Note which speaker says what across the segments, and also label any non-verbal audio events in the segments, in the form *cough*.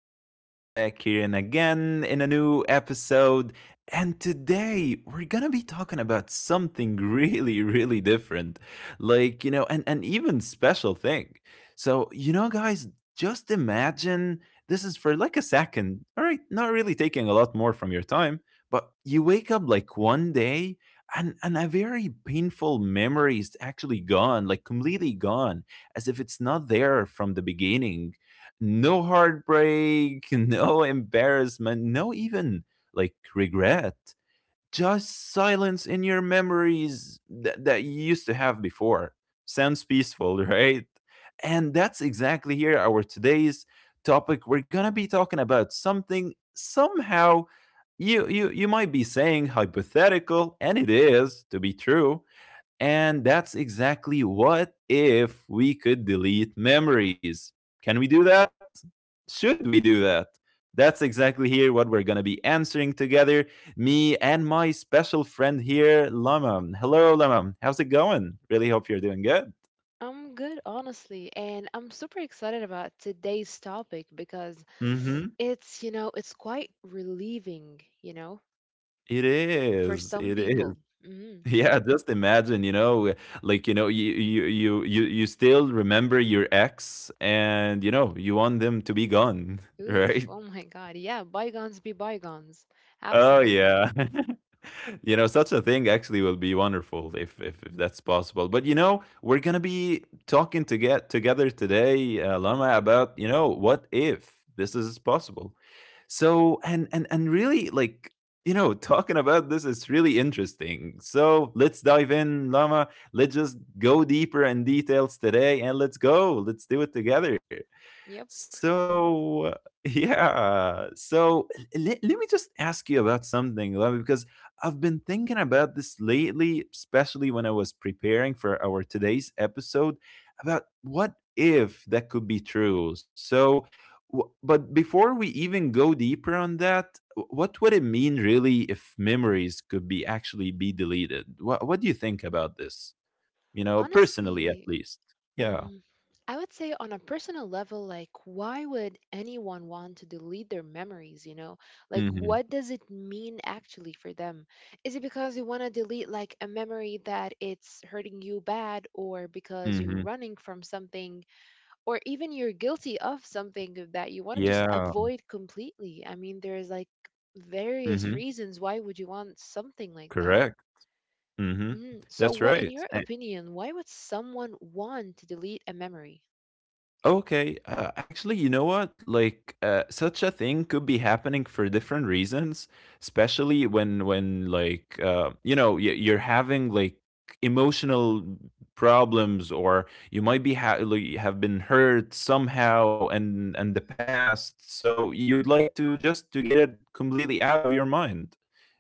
Speaker 1: is Yusuf back here and again in a new episode. And today we're gonna be talking about something *laughs* really, really different. Like, you know, and an even special thing. So, you know, guys, just imagine this is for like a second. All right, not really taking a lot more from your time, but you wake up like one day and a very painful memory is actually gone, like completely gone as if it's not there from the beginning. No heartbreak, *laughs* no embarrassment, no even like regret. Just silence in your memories that you used to have before. Sounds peaceful, *laughs* right? And that's exactly here our today's topic. We're gonna be talking about something somehow you might be saying hypothetical, and it is to be true, and that's exactly what if we could delete memories. Can we do that? Should we do that? That's exactly here what we're going to be answering together. Me and my special friend here, Lama. Hello, Lama. How's it going? Really hope you're doing good.
Speaker 2: I'm good, honestly, and I'm super excited about today's topic because
Speaker 1: Mm-hmm.
Speaker 2: it's quite relieving,
Speaker 1: It
Speaker 2: for
Speaker 1: is.
Speaker 2: some
Speaker 1: It is.
Speaker 2: people.
Speaker 1: *laughs*
Speaker 2: Hmm.
Speaker 1: Yeah, just imagine, you know, like you know, you still remember your ex, and you know, you want them to be gone, *laughs*
Speaker 2: Oof,
Speaker 1: right?
Speaker 2: oh my God. Yeah, bygones be bygones.
Speaker 1: Oh
Speaker 2: Absolutely.
Speaker 1: yeah. *laughs* You know, such a thing actually will be wonderful if if that's possible, but you know we're gonna be talking to get together today, Lama, about you know what if this is possible. So and really, like you know, talking about this is really interesting, so let's dive in, Lama. Let's just go deeper in details today, and let's go, let's do it together.
Speaker 2: Yep.
Speaker 1: So *laughs* yeah, so let me just ask you about something, Love, because I've been thinking about this lately, especially when I was preparing for our today's episode about what if that could be true. So, but before we even go deeper on that, what would it mean really if memories could be actually be deleted? What do you think about this? You know, personally, at
Speaker 2: Honestly,
Speaker 1: least. Yeah.
Speaker 2: Mm, I would say on a personal level, like, why would anyone want to delete their memories, you know? Like,
Speaker 1: Mm-hmm.
Speaker 2: what does it mean actually for them? Is it because you want to delete, like, a memory that it's hurting you bad, or because you're
Speaker 1: Mm-hmm.
Speaker 2: running from something, or even you're guilty of something that you want to just
Speaker 1: Yeah.
Speaker 2: avoid completely? I mean, there's like various
Speaker 1: Mm-hmm.
Speaker 2: reasons why would you want something like that?
Speaker 1: Correct. Mhm.
Speaker 2: Mm.
Speaker 1: That's
Speaker 2: So, what,
Speaker 1: right.
Speaker 2: in your opinion, why would someone want to delete a memory?
Speaker 1: Okay, actually, you know what? Like, such a thing could be happening for different reasons, especially when like you know, you're having like emotional problems, or you might be like, have been hurt somehow and the past. So you'd like to just to get it completely out of your mind.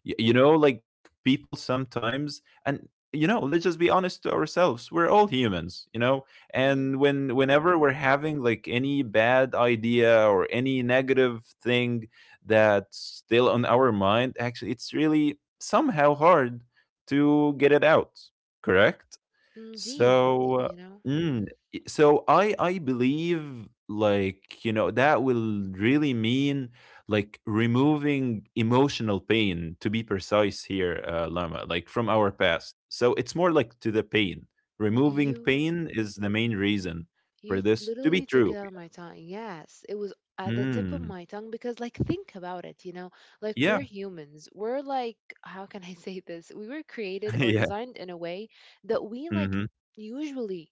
Speaker 1: You know, like people sometimes, and you know, let's just be honest to ourselves. We're all humans, you know, and
Speaker 2: Mhm.
Speaker 1: whenever we're having like any bad idea or any negative thing that's still on our mind, actually it's really somehow hard to get it out. Correct.
Speaker 2: Indeed,
Speaker 1: So,
Speaker 2: you know,
Speaker 1: mm, so I believe, like you know, that will really mean like removing emotional pain, to be precise here, Lama, like from our past. So it's more like to the pain. Removing
Speaker 2: you
Speaker 1: pain is the main reason
Speaker 2: you
Speaker 1: for this to
Speaker 2: literally
Speaker 1: be
Speaker 2: took it
Speaker 1: true.
Speaker 2: out of my tongue. Yes, it was at the tip of
Speaker 1: Mm,
Speaker 2: my tongue because, like, think about it, you know, like
Speaker 1: yeah,
Speaker 2: we're humans. We're like, how can I *laughs* say this? We were
Speaker 1: *laughs*
Speaker 2: created or
Speaker 1: yeah,
Speaker 2: designed in a way that we like
Speaker 1: hmm,
Speaker 2: usually,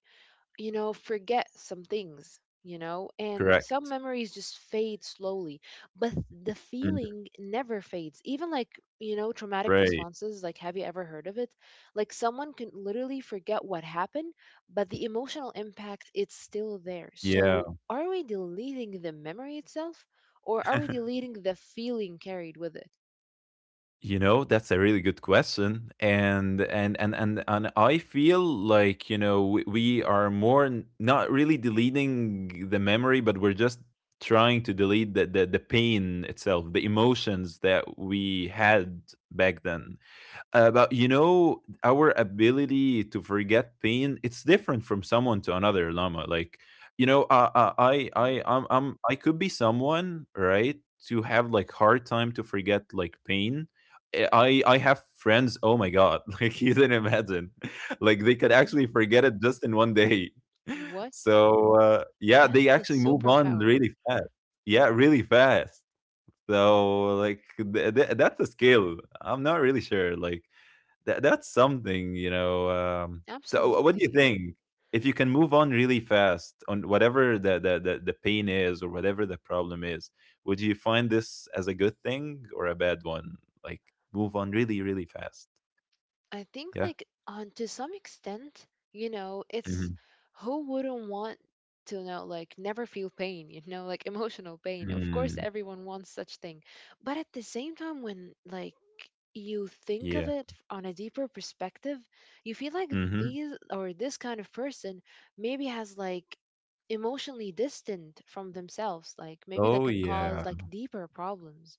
Speaker 2: forget some things, and some
Speaker 1: correct.
Speaker 2: memories just fade slowly, but the
Speaker 1: Mhm.
Speaker 2: feeling never fades. Even like, traumatic
Speaker 1: Right.
Speaker 2: responses, like, have you ever heard of it? Like, someone can literally forget what happened, but the emotional impact, it's still there. So,
Speaker 1: Yeah.
Speaker 2: are we deleting the memory itself or are we deleting the feeling carried with it?
Speaker 1: You know, that's a really good question, and I feel like you know we are more not really deleting the memory, but we're just trying to delete the, the pain itself, the emotions that we had back then. About, you know, our ability to forget pain, it's different from someone to another, llama like, you know, i i
Speaker 2: Hmm.
Speaker 1: I'm, I'm I could be someone, right, to have like hard time to forget like pain. Eh, I have friends, oh my god, *laughs* like you didn't imagine, *laughs* like they could actually
Speaker 2: Hmm.
Speaker 1: forget it just in one day. *laughs*
Speaker 2: What?
Speaker 1: So yeah, they
Speaker 2: That's a
Speaker 1: actually move on
Speaker 2: superpower.
Speaker 1: really fast. Yeah, really fast. So like that's a skill. I'm not really sure like that that's something, you know, so what do you
Speaker 2: Absolutely.
Speaker 1: think? If you can move on really fast on whatever the pain is or whatever the problem is, would you find this as a good thing or a bad one? Like move on really, really fast.
Speaker 2: I think
Speaker 1: Yeah.
Speaker 2: like on to some extent, you know, it's
Speaker 1: Mhm.
Speaker 2: who wouldn't want to know like never feel pain, like *laughs* emotional pain. Of course
Speaker 1: Mm.
Speaker 2: everyone wants such thing. But at the same time when like you think of
Speaker 1: Yeah.
Speaker 2: it on a deeper perspective, you feel like
Speaker 1: Hmm.
Speaker 2: these or this kind of person maybe has like emotionally distant from themselves, like maybe that
Speaker 1: Oh
Speaker 2: can
Speaker 1: yeah.
Speaker 2: cause like deeper problems.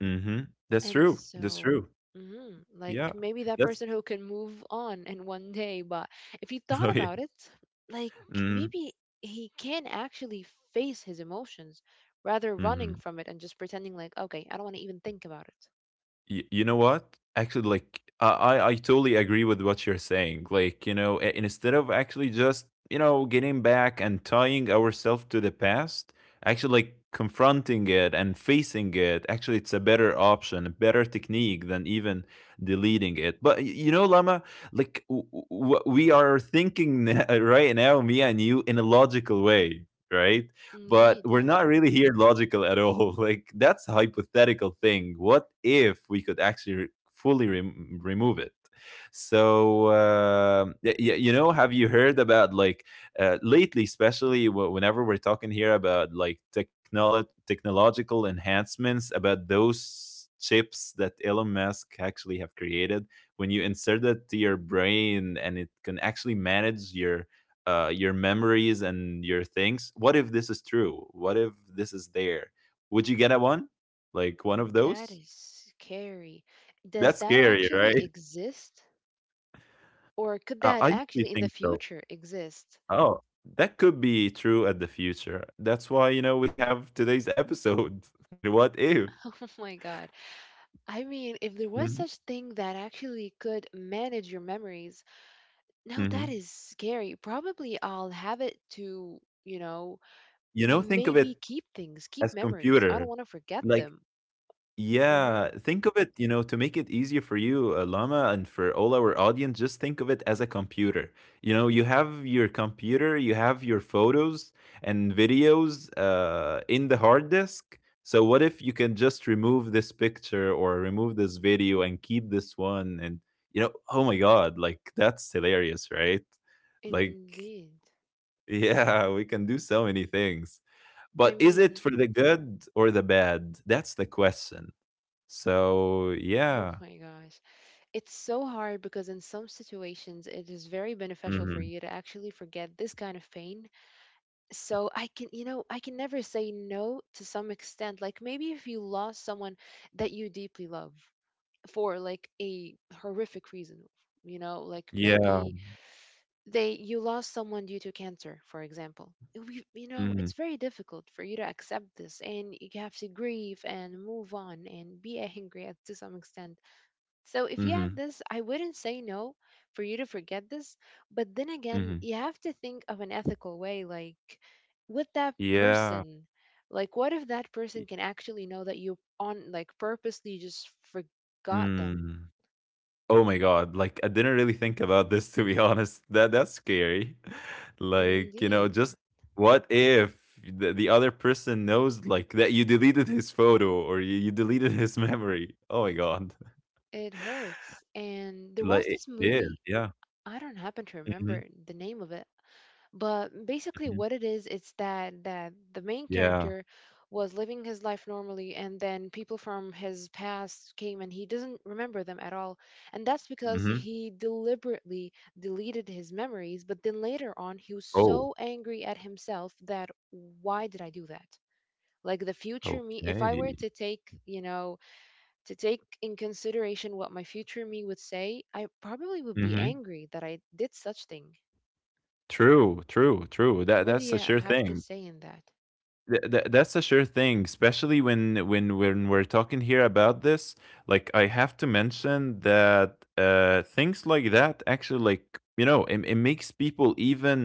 Speaker 1: Hmm. That's
Speaker 2: And
Speaker 1: true. That's true.
Speaker 2: so, mhm, like
Speaker 1: Yeah.
Speaker 2: maybe that
Speaker 1: That's
Speaker 2: person who can move on in one day, but if he
Speaker 1: *laughs*
Speaker 2: thought
Speaker 1: oh yeah.
Speaker 2: about it, like
Speaker 1: Hmm.
Speaker 2: maybe he can actually face his emotions rather
Speaker 1: Hmm.
Speaker 2: running from it and just pretending like, okay, I don't want to even think about it.
Speaker 1: You know what? Actually, like I totally agree with what you're saying. Like you know, instead of actually just you know getting back and tying ourselves to the past, actually like confronting it and facing it. Actually, it's a better option, a better technique than even deleting it. But you know, Lama, like what we are thinking *laughs* right now, me and you, in a logical way. Right, but
Speaker 2: Indeed,
Speaker 1: we're
Speaker 2: yeah.
Speaker 1: not really here logical at all. *laughs* Like that's a hypothetical thing. What if we could actually fully remove it? So you know, have you heard about like lately, especially whenever we're talking here about like technological enhancements, about those chips that Elon Musk actually have created? When you insert it to your brain and it can actually manage your memories and your things. What if this is true? What if this is there? Would you get a one? Like one of
Speaker 2: That is
Speaker 1: those?
Speaker 2: scary. Does
Speaker 1: That's
Speaker 2: that
Speaker 1: scary,
Speaker 2: actually
Speaker 1: right?
Speaker 2: exist? Or could that
Speaker 1: I usually
Speaker 2: actually in the
Speaker 1: think so.
Speaker 2: future exist?
Speaker 1: Oh, that could be true at the future. That's why, you know, we have today's episode. *laughs* You know, what if?
Speaker 2: *laughs* Oh my God. I mean, if there was
Speaker 1: Hmm.
Speaker 2: such thing that actually could manage your memories, no, that
Speaker 1: Hmm.
Speaker 2: is scary. Probably I'll have it to, you know,
Speaker 1: You know, think of
Speaker 2: maybe
Speaker 1: it
Speaker 2: keep things, keep
Speaker 1: as
Speaker 2: memories. I don't
Speaker 1: computer.
Speaker 2: want to forget
Speaker 1: Like
Speaker 2: them. Hmm.
Speaker 1: yeah, think of it, you know, to make it easier for you, Llama, and for all our audience, just think of it as a computer. You know, you have your computer, you have your photos and videos, in the hard disk. So, what if you can just remove this picture or remove this video and keep this one? And, you know, oh my God, like that's hilarious, right? Like,
Speaker 2: Indeed.
Speaker 1: *laughs* yeah, we can do so many things.
Speaker 2: I
Speaker 1: But is it
Speaker 2: mean,
Speaker 1: for the good or the bad? That's the question. So,
Speaker 2: oh
Speaker 1: yeah.
Speaker 2: my gosh. It's so hard because in some situations it is very beneficial for
Speaker 1: Mhm.
Speaker 2: you to actually forget this kind of pain. So I can, you know, I can never say no to some extent. Like maybe if you lost someone that you deeply love for like a horrific reason, you know, like
Speaker 1: Yeah.
Speaker 2: maybe they you lost someone due to cancer, for example. We, you know, it's
Speaker 1: Mhm.
Speaker 2: very difficult for you to accept this and you have to grieve and move on and be *laughs* angry at, to some extent. So if you
Speaker 1: Mhm.
Speaker 2: have this, I wouldn't say no for you to forget this, but then again
Speaker 1: Mhm.
Speaker 2: you have to think of an ethical way, like with that
Speaker 1: Yeah.
Speaker 2: person. Like, what if that person can actually know that you on like purposely just forgot them?
Speaker 1: Mm. Oh my god, like, I didn't really think about this *laughs* to be honest. That, that's scary. *laughs* Like, you know,
Speaker 2: Indeed,
Speaker 1: just what if the the other person knows, like, that you deleted his photo or you deleted his *laughs* memory? Oh my god. *laughs*
Speaker 2: it hurts. And there
Speaker 1: Like,
Speaker 2: was
Speaker 1: it
Speaker 2: this
Speaker 1: is,
Speaker 2: movie,
Speaker 1: yeah.
Speaker 2: I don't happen to
Speaker 1: Mhm.
Speaker 2: remember the name of it, but basically
Speaker 1: Mhm.
Speaker 2: what it is, it's that that the main
Speaker 1: Yeah.
Speaker 2: character was living his life normally and then people from his past came and he doesn't remember them at all. And that's because
Speaker 1: Mhm.
Speaker 2: he deliberately deleted his memories, but then later on he was
Speaker 1: Oh,
Speaker 2: so angry at himself that why did I do that? Like the future me, if I were
Speaker 1: okay.
Speaker 2: to take, you know, to take in consideration what my future me would say, I probably would be
Speaker 1: Mhm.
Speaker 2: angry that I did such thing.
Speaker 1: True, true, true. That,
Speaker 2: What do
Speaker 1: that's
Speaker 2: you
Speaker 1: a sure
Speaker 2: have to
Speaker 1: thing.
Speaker 2: say in that?
Speaker 1: Th th that's a sure thing, especially when when we're talking here about this. Like, I have to mention that things like that actually, like you know, it makes people even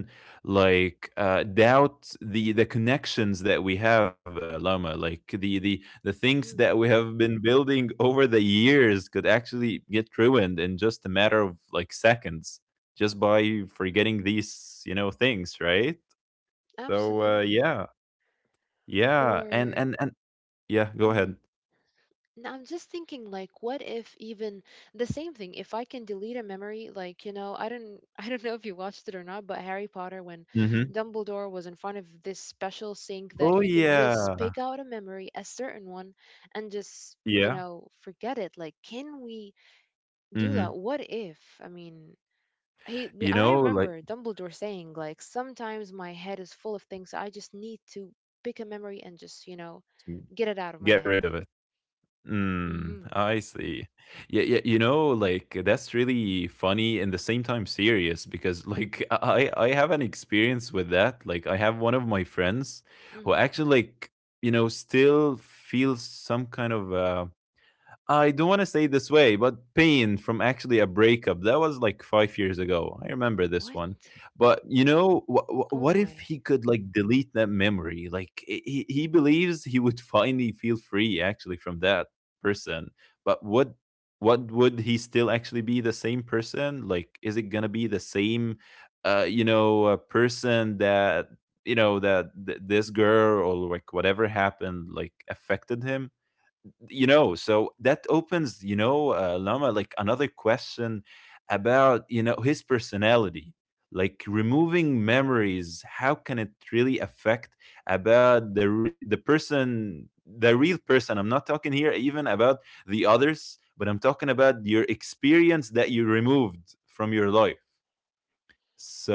Speaker 1: like doubt the connections that we have, Lama. Like the the things that
Speaker 2: Mm,
Speaker 1: we have been building over the years could actually get ruined in just a matter of like seconds, just by forgetting these, you know, things, right? So
Speaker 2: absolutely.
Speaker 1: yeah. Yeah, and
Speaker 2: Or,
Speaker 1: yeah, go
Speaker 2: mhm.
Speaker 1: ahead.
Speaker 2: Now I'm just thinking, like, what if even the same thing? If I can delete a memory, like, you know, I don't, *laughs* I don't know if you watched it or not, but Harry Potter, when
Speaker 1: Mhm.
Speaker 2: Dumbledore was in front of this special sink, that
Speaker 1: Oh,
Speaker 2: he can just
Speaker 1: yeah.
Speaker 2: pick out a memory, a certain one, and just, you
Speaker 1: Yeah,
Speaker 2: know, forget it. Like, can we do that?
Speaker 1: mhm.
Speaker 2: What if? I mean, he
Speaker 1: You
Speaker 2: and I
Speaker 1: know, like,
Speaker 2: remember Dumbledore saying like sometimes my head is full of things I just need to pick a memory and just, you know,
Speaker 1: to
Speaker 2: get it out of
Speaker 1: get
Speaker 2: my
Speaker 1: rid
Speaker 2: head.
Speaker 1: of it. Mm,
Speaker 2: Mhm.
Speaker 1: I see. Yeah, yeah, you know, like, that's really funny and the same time serious because, like, *laughs* I have an experience with that. Like, I have one of my friends who
Speaker 2: Mhm.
Speaker 1: actually, like, you know, still feels some kind of, uh, I don't want to say it this way, but pain from actually a breakup that was like 5 years ago. I remember this
Speaker 2: What?
Speaker 1: one, but you know,
Speaker 2: Oh
Speaker 1: what if
Speaker 2: my.
Speaker 1: he could like delete that memory? Like he believes he would *laughs* finally feel free actually from that person, but what? What would he still actually be the same person? Like, is it gonna be the same, you know, person that you know that this girl or like whatever happened like affected him? You know, so that opens, you know, Lama, like another question about you know his personality. Like removing memories, how can it really affect about the the person, the real person? I'm not talking here even about the others, but I'm talking about your experience that you removed from your life.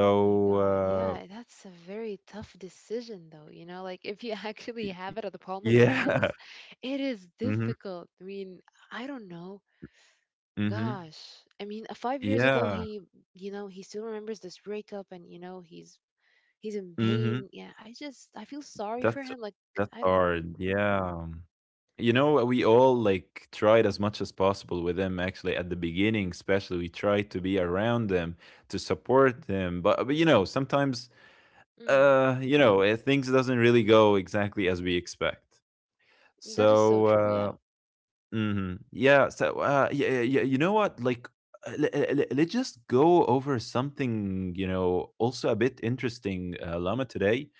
Speaker 2: Oh my God.
Speaker 1: uh
Speaker 2: Yeah, that's a very tough decision though, you know, like if you *laughs* actually
Speaker 1: y-
Speaker 2: have it at the palm of your
Speaker 1: yeah.
Speaker 2: hands, it is
Speaker 1: *laughs* Hmm.
Speaker 2: difficult. I mean, I don't know.
Speaker 1: Hmm.
Speaker 2: Gosh. I mean, 5 years ago
Speaker 1: Yeah.
Speaker 2: he still remembers this breakup and you know, he's in
Speaker 1: Hmm.
Speaker 2: pain. Yeah, I just I feel sorry for
Speaker 1: that's
Speaker 2: him. Like
Speaker 1: that's
Speaker 2: I don't know.
Speaker 1: hard, yeah. You know, we all like tried as much as possible with them actually at the beginning, especially we tried to be around them, to support them. But you know, sometimes
Speaker 2: Mm,
Speaker 1: you know, things doesn't really go exactly as we expect. So
Speaker 2: that is so true. Yeah.
Speaker 1: uh, mhm, yeah, so uh, yeah, yeah, yeah, you know what? Like let's just go over something, you know, also a bit interesting, Lama, today,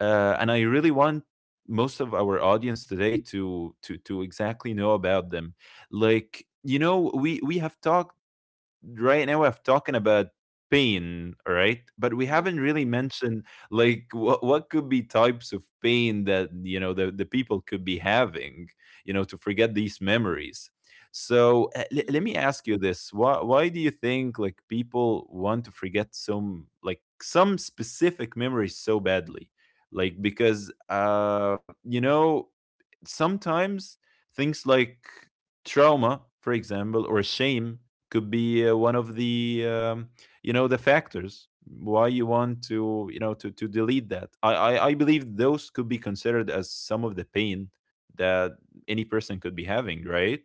Speaker 1: and I really want most of our audience today to exactly know about them. Like, we have talked right now. I have talking about pain, right? But we
Speaker 2: Mm,
Speaker 1: haven't really mentioned like what could be types of pain that the people could be having, to forget these memories. So let me
Speaker 2: mm,
Speaker 1: ask you this: Why do you think like people want to forget some like some specific memories so badly? Like because sometimes things like trauma, for example, or shame could be one of the the factors why you want to to delete that. I believe those could be considered as some of the pain that any person could be having, right?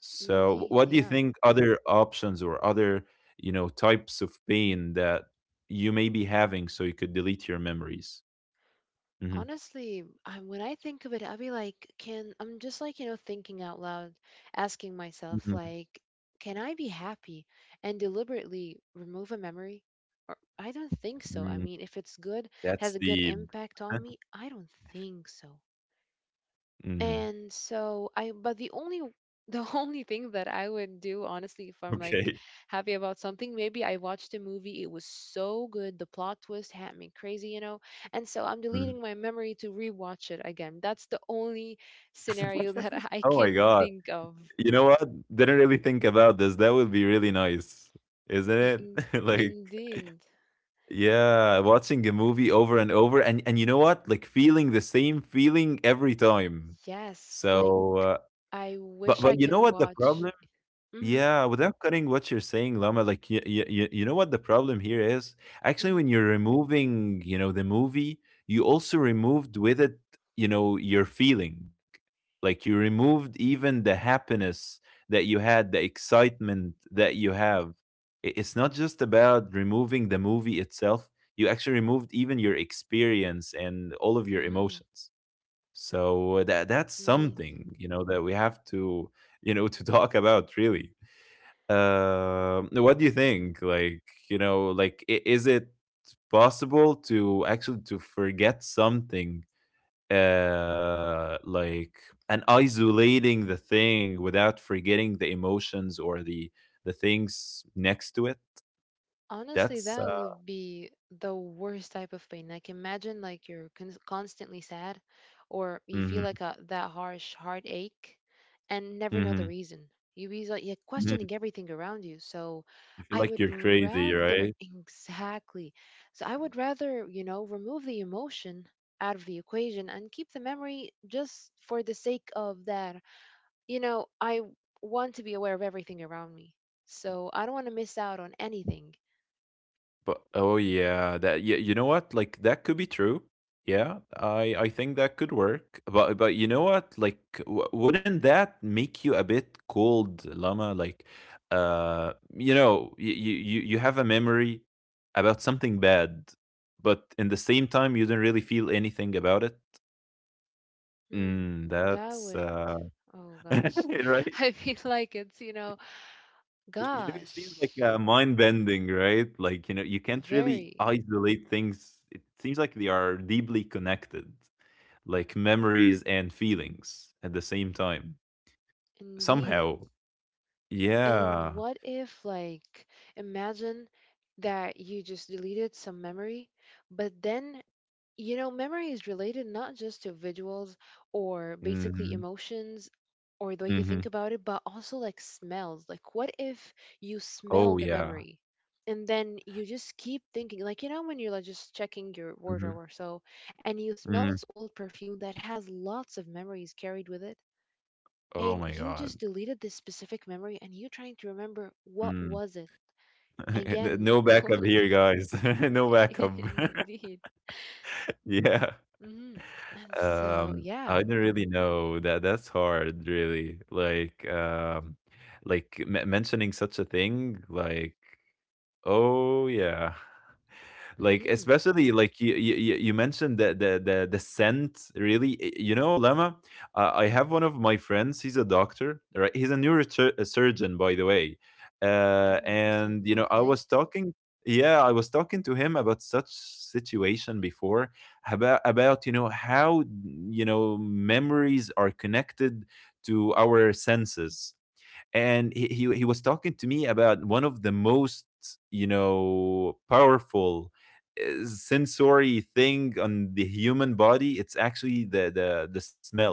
Speaker 1: So
Speaker 2: indeed.
Speaker 1: what do you
Speaker 2: Yeah.
Speaker 1: think other options or other types of pain that you may be having so you could delete your memories? Hmm.
Speaker 2: Honestly, I, when I think of it, I'll be like, can I'm just like, thinking out loud, asking myself
Speaker 1: Hmm.
Speaker 2: like, can I be happy and deliberately remove a memory? Or I don't think so. I
Speaker 1: Mm.
Speaker 2: mean, if it's good,
Speaker 1: That's
Speaker 2: has a good
Speaker 1: deep.
Speaker 2: impact on me, I don't think so.
Speaker 1: Mhm.
Speaker 2: And so I but the only, the *laughs* only thing that I would do honestly if I'm like
Speaker 1: Okay.
Speaker 2: happy about something, maybe I watched a movie, it was so good, the plot twist had me crazy, you know. And so I'm
Speaker 1: Mhm.
Speaker 2: deleting my memory to rewatch it again. That's the only scenario *laughs*
Speaker 1: *laughs*
Speaker 2: that I
Speaker 1: Oh my
Speaker 2: can
Speaker 1: God.
Speaker 2: think of.
Speaker 1: You know what? Didn't really think about this. That would be really nice, isn't
Speaker 2: Y-
Speaker 1: it?
Speaker 2: in-
Speaker 1: *laughs* Like,
Speaker 2: Indeed.
Speaker 1: yeah, watching a movie over and over and you know what? Like feeling the same feeling every time.
Speaker 2: Yes, like
Speaker 1: So, uh,
Speaker 2: I
Speaker 1: but
Speaker 2: wish
Speaker 1: but
Speaker 2: I
Speaker 1: you know
Speaker 2: can
Speaker 1: what the
Speaker 2: watch.
Speaker 1: problem.
Speaker 2: Mhm.
Speaker 1: Yeah, without cutting what you're saying, Lama, like you know what the problem here is? Actually,
Speaker 2: Mhm.
Speaker 1: when you're removing, the movie, you also removed with it, your feeling. Like you removed even the happiness that you had, the excitement that you have. It's not just about removing the movie itself. You actually removed even your experience and all of your
Speaker 2: Mhm.
Speaker 1: emotions. So that's
Speaker 2: Indeed.
Speaker 1: something, that we have to, to *laughs* talk about really. What do you
Speaker 2: Mm-hmm.
Speaker 1: think? Like, like is it possible to actually to forget something? Like and isolating the thing without forgetting the emotions or the things next to it.
Speaker 2: Honestly,
Speaker 1: That's
Speaker 2: that would be the worst type of pain. Like imagine like you're constantly sad or you feel
Speaker 1: mm-hmm,
Speaker 2: like a that harsh heartache and never know
Speaker 1: mm-hmm.
Speaker 2: the reason. You be like you're
Speaker 1: Mm-hmm.
Speaker 2: questioning everything around you. So
Speaker 1: You feel
Speaker 2: I
Speaker 1: like
Speaker 2: would
Speaker 1: you're crazy,
Speaker 2: rather
Speaker 1: right?
Speaker 2: *laughs* exactly. So I would rather, remove the emotion out of the equation and keep the memory just for the sake of that. You know, I want to be aware of everything around me. So I don't want to miss out on anything.
Speaker 1: But oh yeah, that yeah, you know what? Like that could be true. Yeah, I think that could work. But you know what? Like wouldn't that make you a bit cold, Llama? Like you know, you have a memory about something bad, but in the same time you don't really feel anything about it.
Speaker 2: Hmm,
Speaker 1: Mm,
Speaker 2: that
Speaker 1: that's
Speaker 2: went. Oh gosh.
Speaker 1: *laughs* Right?
Speaker 2: *laughs* I feel like it's, you know,
Speaker 1: You know, it seems like
Speaker 2: gosh,
Speaker 1: mind bending, right? Like, you know, you can't really
Speaker 2: very
Speaker 1: isolate things. It seems like they are deeply connected, like memories and feelings at the same time,
Speaker 2: indeed.
Speaker 1: somehow.
Speaker 2: And
Speaker 1: Yeah.
Speaker 2: what if, like, imagine that you just deleted some memory, but then, you know, memory is related not just to visuals or basically
Speaker 1: Hmm.
Speaker 2: emotions or the way you
Speaker 1: Hmm.
Speaker 2: think about it, but also like smells. Like, what if you smell
Speaker 1: Oh,
Speaker 2: the
Speaker 1: yeah.
Speaker 2: memory and then you just keep thinking, like, you know, when you're like just checking your wardrobe
Speaker 1: Hmm.
Speaker 2: or so, and you smell this
Speaker 1: Mm.
Speaker 2: old perfume that has lots of memories carried with it,
Speaker 1: Oh,
Speaker 2: and
Speaker 1: my
Speaker 2: you
Speaker 1: God.
Speaker 2: just deleted this specific memory and you're trying to remember what
Speaker 1: Mm.
Speaker 2: was it
Speaker 1: *laughs* N-
Speaker 2: again.
Speaker 1: no
Speaker 2: *laughs*
Speaker 1: backup here, guys. *laughs* No backup. *laughs*
Speaker 2: Indeed.
Speaker 1: Yeah.
Speaker 2: Hmm. And so, yeah.
Speaker 1: I don't really know that that's hard really. Like mentioning such a thing, like oh yeah, like
Speaker 2: Hmm.
Speaker 1: especially like you mentioned the scent really. You know, Lama, I have one of my friends. He's a doctor, right? He's a neurosurgeon, by the way.
Speaker 2: Oh, impressive.
Speaker 1: And you know, I was
Speaker 2: Okay.
Speaker 1: talking. Yeah, I was talking to him about such situation before, about you know how, you know, memories are connected to our senses. And he was talking to me about one of the most, you know, powerful sensory thing on the human body. It's actually the smell.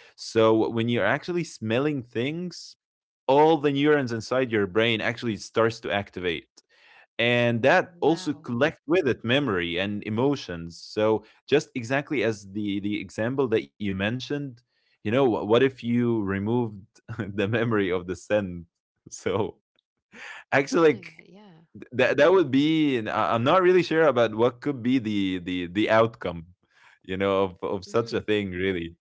Speaker 1: So when you're actually smelling things, all the neurons inside your brain actually starts to activate. And that also
Speaker 2: Wow.
Speaker 1: collect with it memory and emotions. So just exactly as the example that you mentioned, you know, what if you removed *laughs* the memory of the scent? So actually
Speaker 2: Oh my
Speaker 1: like
Speaker 2: God. Yeah.
Speaker 1: that would be. And I'm not really sure about what could be the outcome, you know, of, such
Speaker 2: Mm-hmm.
Speaker 1: a thing really.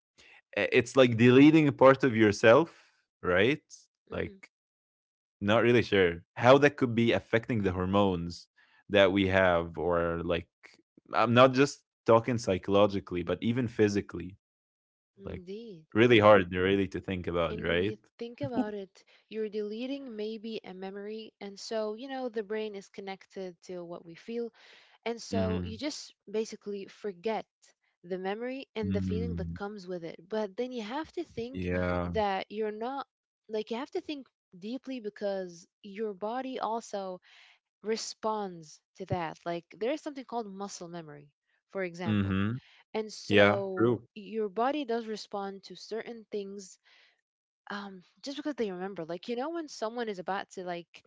Speaker 1: It's like deleting a part of yourself, right? Like,
Speaker 2: Mm-hmm.
Speaker 1: not really sure how that could be affecting the hormones that we have, or like, I'm not just talking psychologically, but even physically. Like,
Speaker 2: Indeed.
Speaker 1: really hard, really, to think about,
Speaker 2: And when
Speaker 1: right?
Speaker 2: you think about it, you're deleting maybe a memory. And so, you know, the brain is connected to what we feel. And so you
Speaker 1: Mm-hmm.
Speaker 2: just basically forget the memory and the feeling that
Speaker 1: Mm,
Speaker 2: comes with it. But then you have to think
Speaker 1: yeah.
Speaker 2: that you're not, like, you have to think deeply because your body also responds to that. Like there is something called muscle memory, for example.
Speaker 1: Mm-hmm.
Speaker 2: And
Speaker 1: Yeah.
Speaker 2: so
Speaker 1: True.
Speaker 2: your body does respond to certain things, just because they remember. Like, you know, when someone is about to like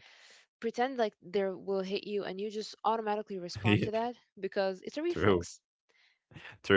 Speaker 2: pretend like they will hit you and you just automatically
Speaker 1: *laughs*
Speaker 2: respond to
Speaker 1: Yeah.
Speaker 2: that because it's a
Speaker 1: True.
Speaker 2: reflex.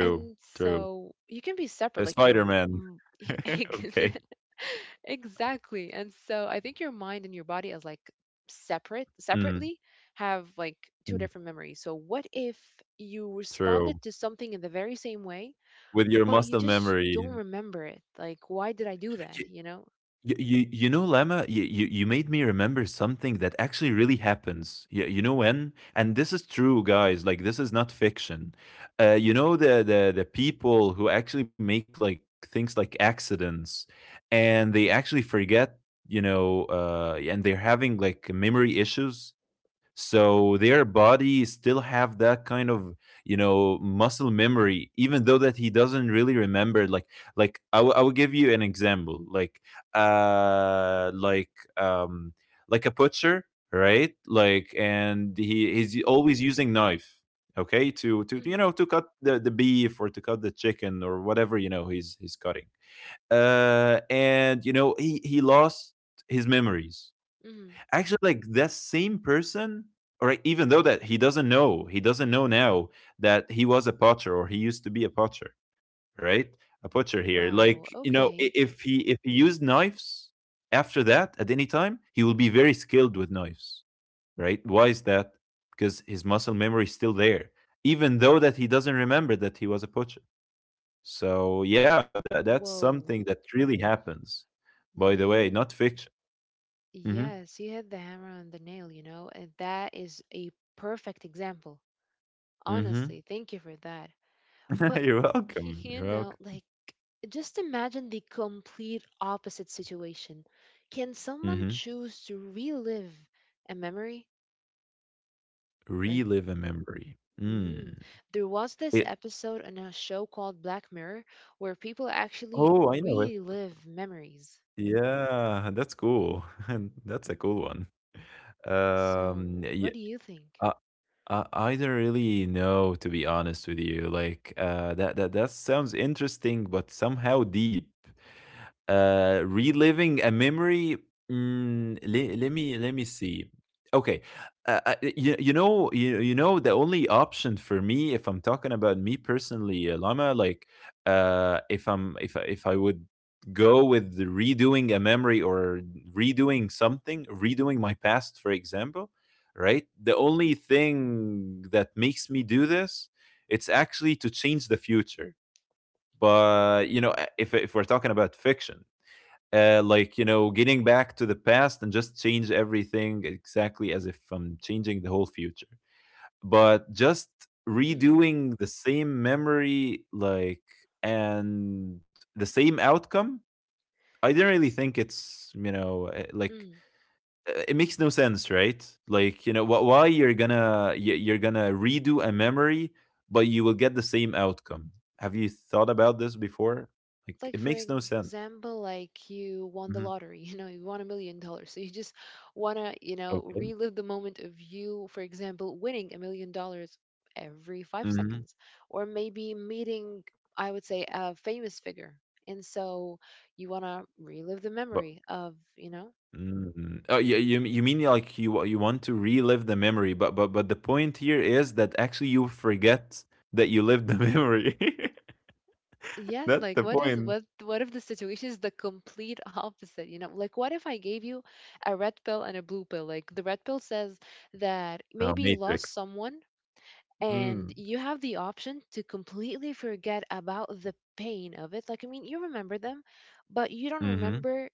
Speaker 2: And
Speaker 1: True.
Speaker 2: so you can be separate, like your
Speaker 1: Spider Man.
Speaker 2: mm, *laughs*
Speaker 1: *laughs*
Speaker 2: ex-
Speaker 1: Okay.
Speaker 2: *laughs* exactly. And so I think your mind and your body as like separate,
Speaker 1: Mm,
Speaker 2: separately have like two
Speaker 1: mm,
Speaker 2: different memories. So what if you responded
Speaker 1: true.
Speaker 2: to something in the very same way,
Speaker 1: With your
Speaker 2: but you
Speaker 1: muscle
Speaker 2: just
Speaker 1: memory.
Speaker 2: don't remember it? Like, why did I do
Speaker 1: *laughs*
Speaker 2: that? You know?
Speaker 1: You know, Lama, you made me remember something that actually really happens. You know when? And this is true, guys. Like, this is not fiction. You know, the people who actually make like things like accidents and they actually forget, you know, and they're having like memory issues. So their body still have that kind of, you know, muscle memory, even though that he doesn't really remember. Like, I will, give you an example, uh like um like a butcher, right? Like, and he's always using knife, okay, to you
Speaker 2: Hmm.
Speaker 1: know, to cut the beef, or to cut the chicken, or whatever, you know, he's cutting. And you know, he lost his memories.
Speaker 2: Hmm.
Speaker 1: Actually, like that same person, or like, even though that he doesn't know now that he was a potter, or he used to be a potter, right? A potter here, like,
Speaker 2: Wow.
Speaker 1: you know,
Speaker 2: Okay.
Speaker 1: if he, if he used knives after that at any time, he will be very skilled with knives, right? Why is that? Because his muscle memory is still there, even though that he doesn't remember that he was a potter. So yeah, that's something
Speaker 2: Whoa.
Speaker 1: that really happens, by the way, not
Speaker 2: You,
Speaker 1: fiction. Hmm.
Speaker 2: yes, you hit the hammer on the nail, you know, and that is a perfect example.
Speaker 1: Hmm.
Speaker 2: Honestly, thank you for that. But
Speaker 1: *laughs* You're
Speaker 2: *laughs*
Speaker 1: welcome.
Speaker 2: you
Speaker 1: You're
Speaker 2: know,
Speaker 1: welcome.
Speaker 2: like just imagine the complete opposite situation. Can someone
Speaker 1: Mhm.
Speaker 2: choose to relive a memory? Like,
Speaker 1: Relive a memory.
Speaker 2: mm,
Speaker 1: Mm.
Speaker 2: there was this
Speaker 1: It
Speaker 2: episode on a show called Black Mirror where people actually
Speaker 1: Oh, I know it.
Speaker 2: relive memories.
Speaker 1: Yeah, that's cool. *laughs* And That's a cool one.
Speaker 2: So,
Speaker 1: Yeah,
Speaker 2: what do you think?
Speaker 1: I, I don't really know, to be honest with you. Like, that sounds interesting, but somehow deep. Reliving a memory. Mm, let me see. Okay, you, you know the only option for me if I'm talking about me personally, Lama. Like, if I'm if I would go with the redoing a memory, or redoing something, redoing my past, for example, right? The only thing that makes me do this, it's actually to change the future. But you know, if we're talking about fiction, like you know, getting back to the past and just change everything, exactly as if I'm changing the whole future. But just
Speaker 2: Mm,
Speaker 1: redoing the same memory, like, and the same outcome, I don't really
Speaker 2: s-
Speaker 1: think it's, you know,
Speaker 2: mm.
Speaker 1: it makes no sense, right? Like, you know, why you're gonna, you're gonna redo a memory but you will get the same outcome? Have you thought about this before? Like, it
Speaker 2: Like,
Speaker 1: makes
Speaker 2: for
Speaker 1: no sense.
Speaker 2: example, like you
Speaker 1: Hmm.
Speaker 2: won the lottery *laughs* you won $1 million, so you just want to
Speaker 1: Okay.
Speaker 2: relive the moment of you, for example, winning $1 million every 5
Speaker 1: Hmm.
Speaker 2: seconds. Or maybe meeting, I would say, a famous figure. And so you want to relive the
Speaker 1: But
Speaker 2: memory of.
Speaker 1: Mm. Oh, yeah, you mean like you want to relive the memory, but the point here is that actually you forget that you lived the memory. *laughs*
Speaker 2: Yes,
Speaker 1: That's
Speaker 2: like,
Speaker 1: the
Speaker 2: what is
Speaker 1: point.
Speaker 2: what what if the situation is the complete opposite? Like, what if I gave you a red pill and a blue pill? Like, the red pill says that
Speaker 1: Oh,
Speaker 2: maybe you lost
Speaker 1: Matrix.
Speaker 2: someone and
Speaker 1: Mm.
Speaker 2: you have the option to completely forget about the pain of it. Like, I mean, you remember them, but you don't
Speaker 1: Mm-hmm.
Speaker 2: remember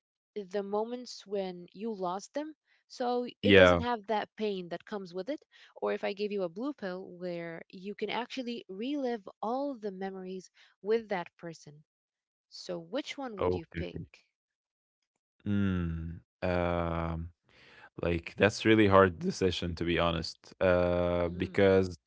Speaker 2: the moments when you lost them. So it
Speaker 1: Yeah.
Speaker 2: doesn't have that pain that comes with it. Or if I gave you a blue pill where you can actually relive all the memories with that person. So which one would you
Speaker 1: Okay.
Speaker 2: pick?
Speaker 1: Mm. Like, that's really hard decision, to be honest.
Speaker 2: Mm,
Speaker 1: Because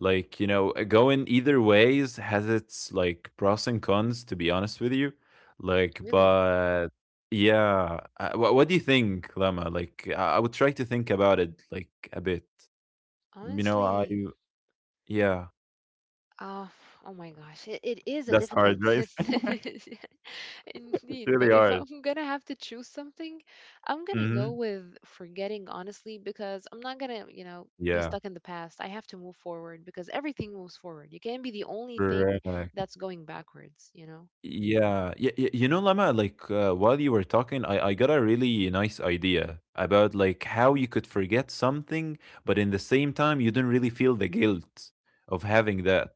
Speaker 1: like, you know, going either ways has its like pros and cons, to be honest with you. Like,
Speaker 2: really?
Speaker 1: but yeah, what do you think, Lama? Like, I would try to think about it like a bit. You know, I
Speaker 2: Honestly,
Speaker 1: yeah,
Speaker 2: Oh, oh my gosh, it is a
Speaker 1: that's hard,
Speaker 2: difficult
Speaker 1: right? *laughs*
Speaker 2: decision *laughs*
Speaker 1: It's
Speaker 2: indeed. But
Speaker 1: really
Speaker 2: if
Speaker 1: hard.
Speaker 2: I'm gonna have to choose something, I'm gonna go
Speaker 1: Mhm.
Speaker 2: with forgetting, honestly, because I'm not gonna, be
Speaker 1: Yeah.
Speaker 2: stuck in the past. I have to move forward because everything moves forward. You can't be the only thing
Speaker 1: Right.
Speaker 2: that's going backwards, you know?
Speaker 1: Yeah, y y you know, Lama, like while you were talking, I got a really nice idea about like how you could forget something, but in the same time, you don't really feel the guilt of having that.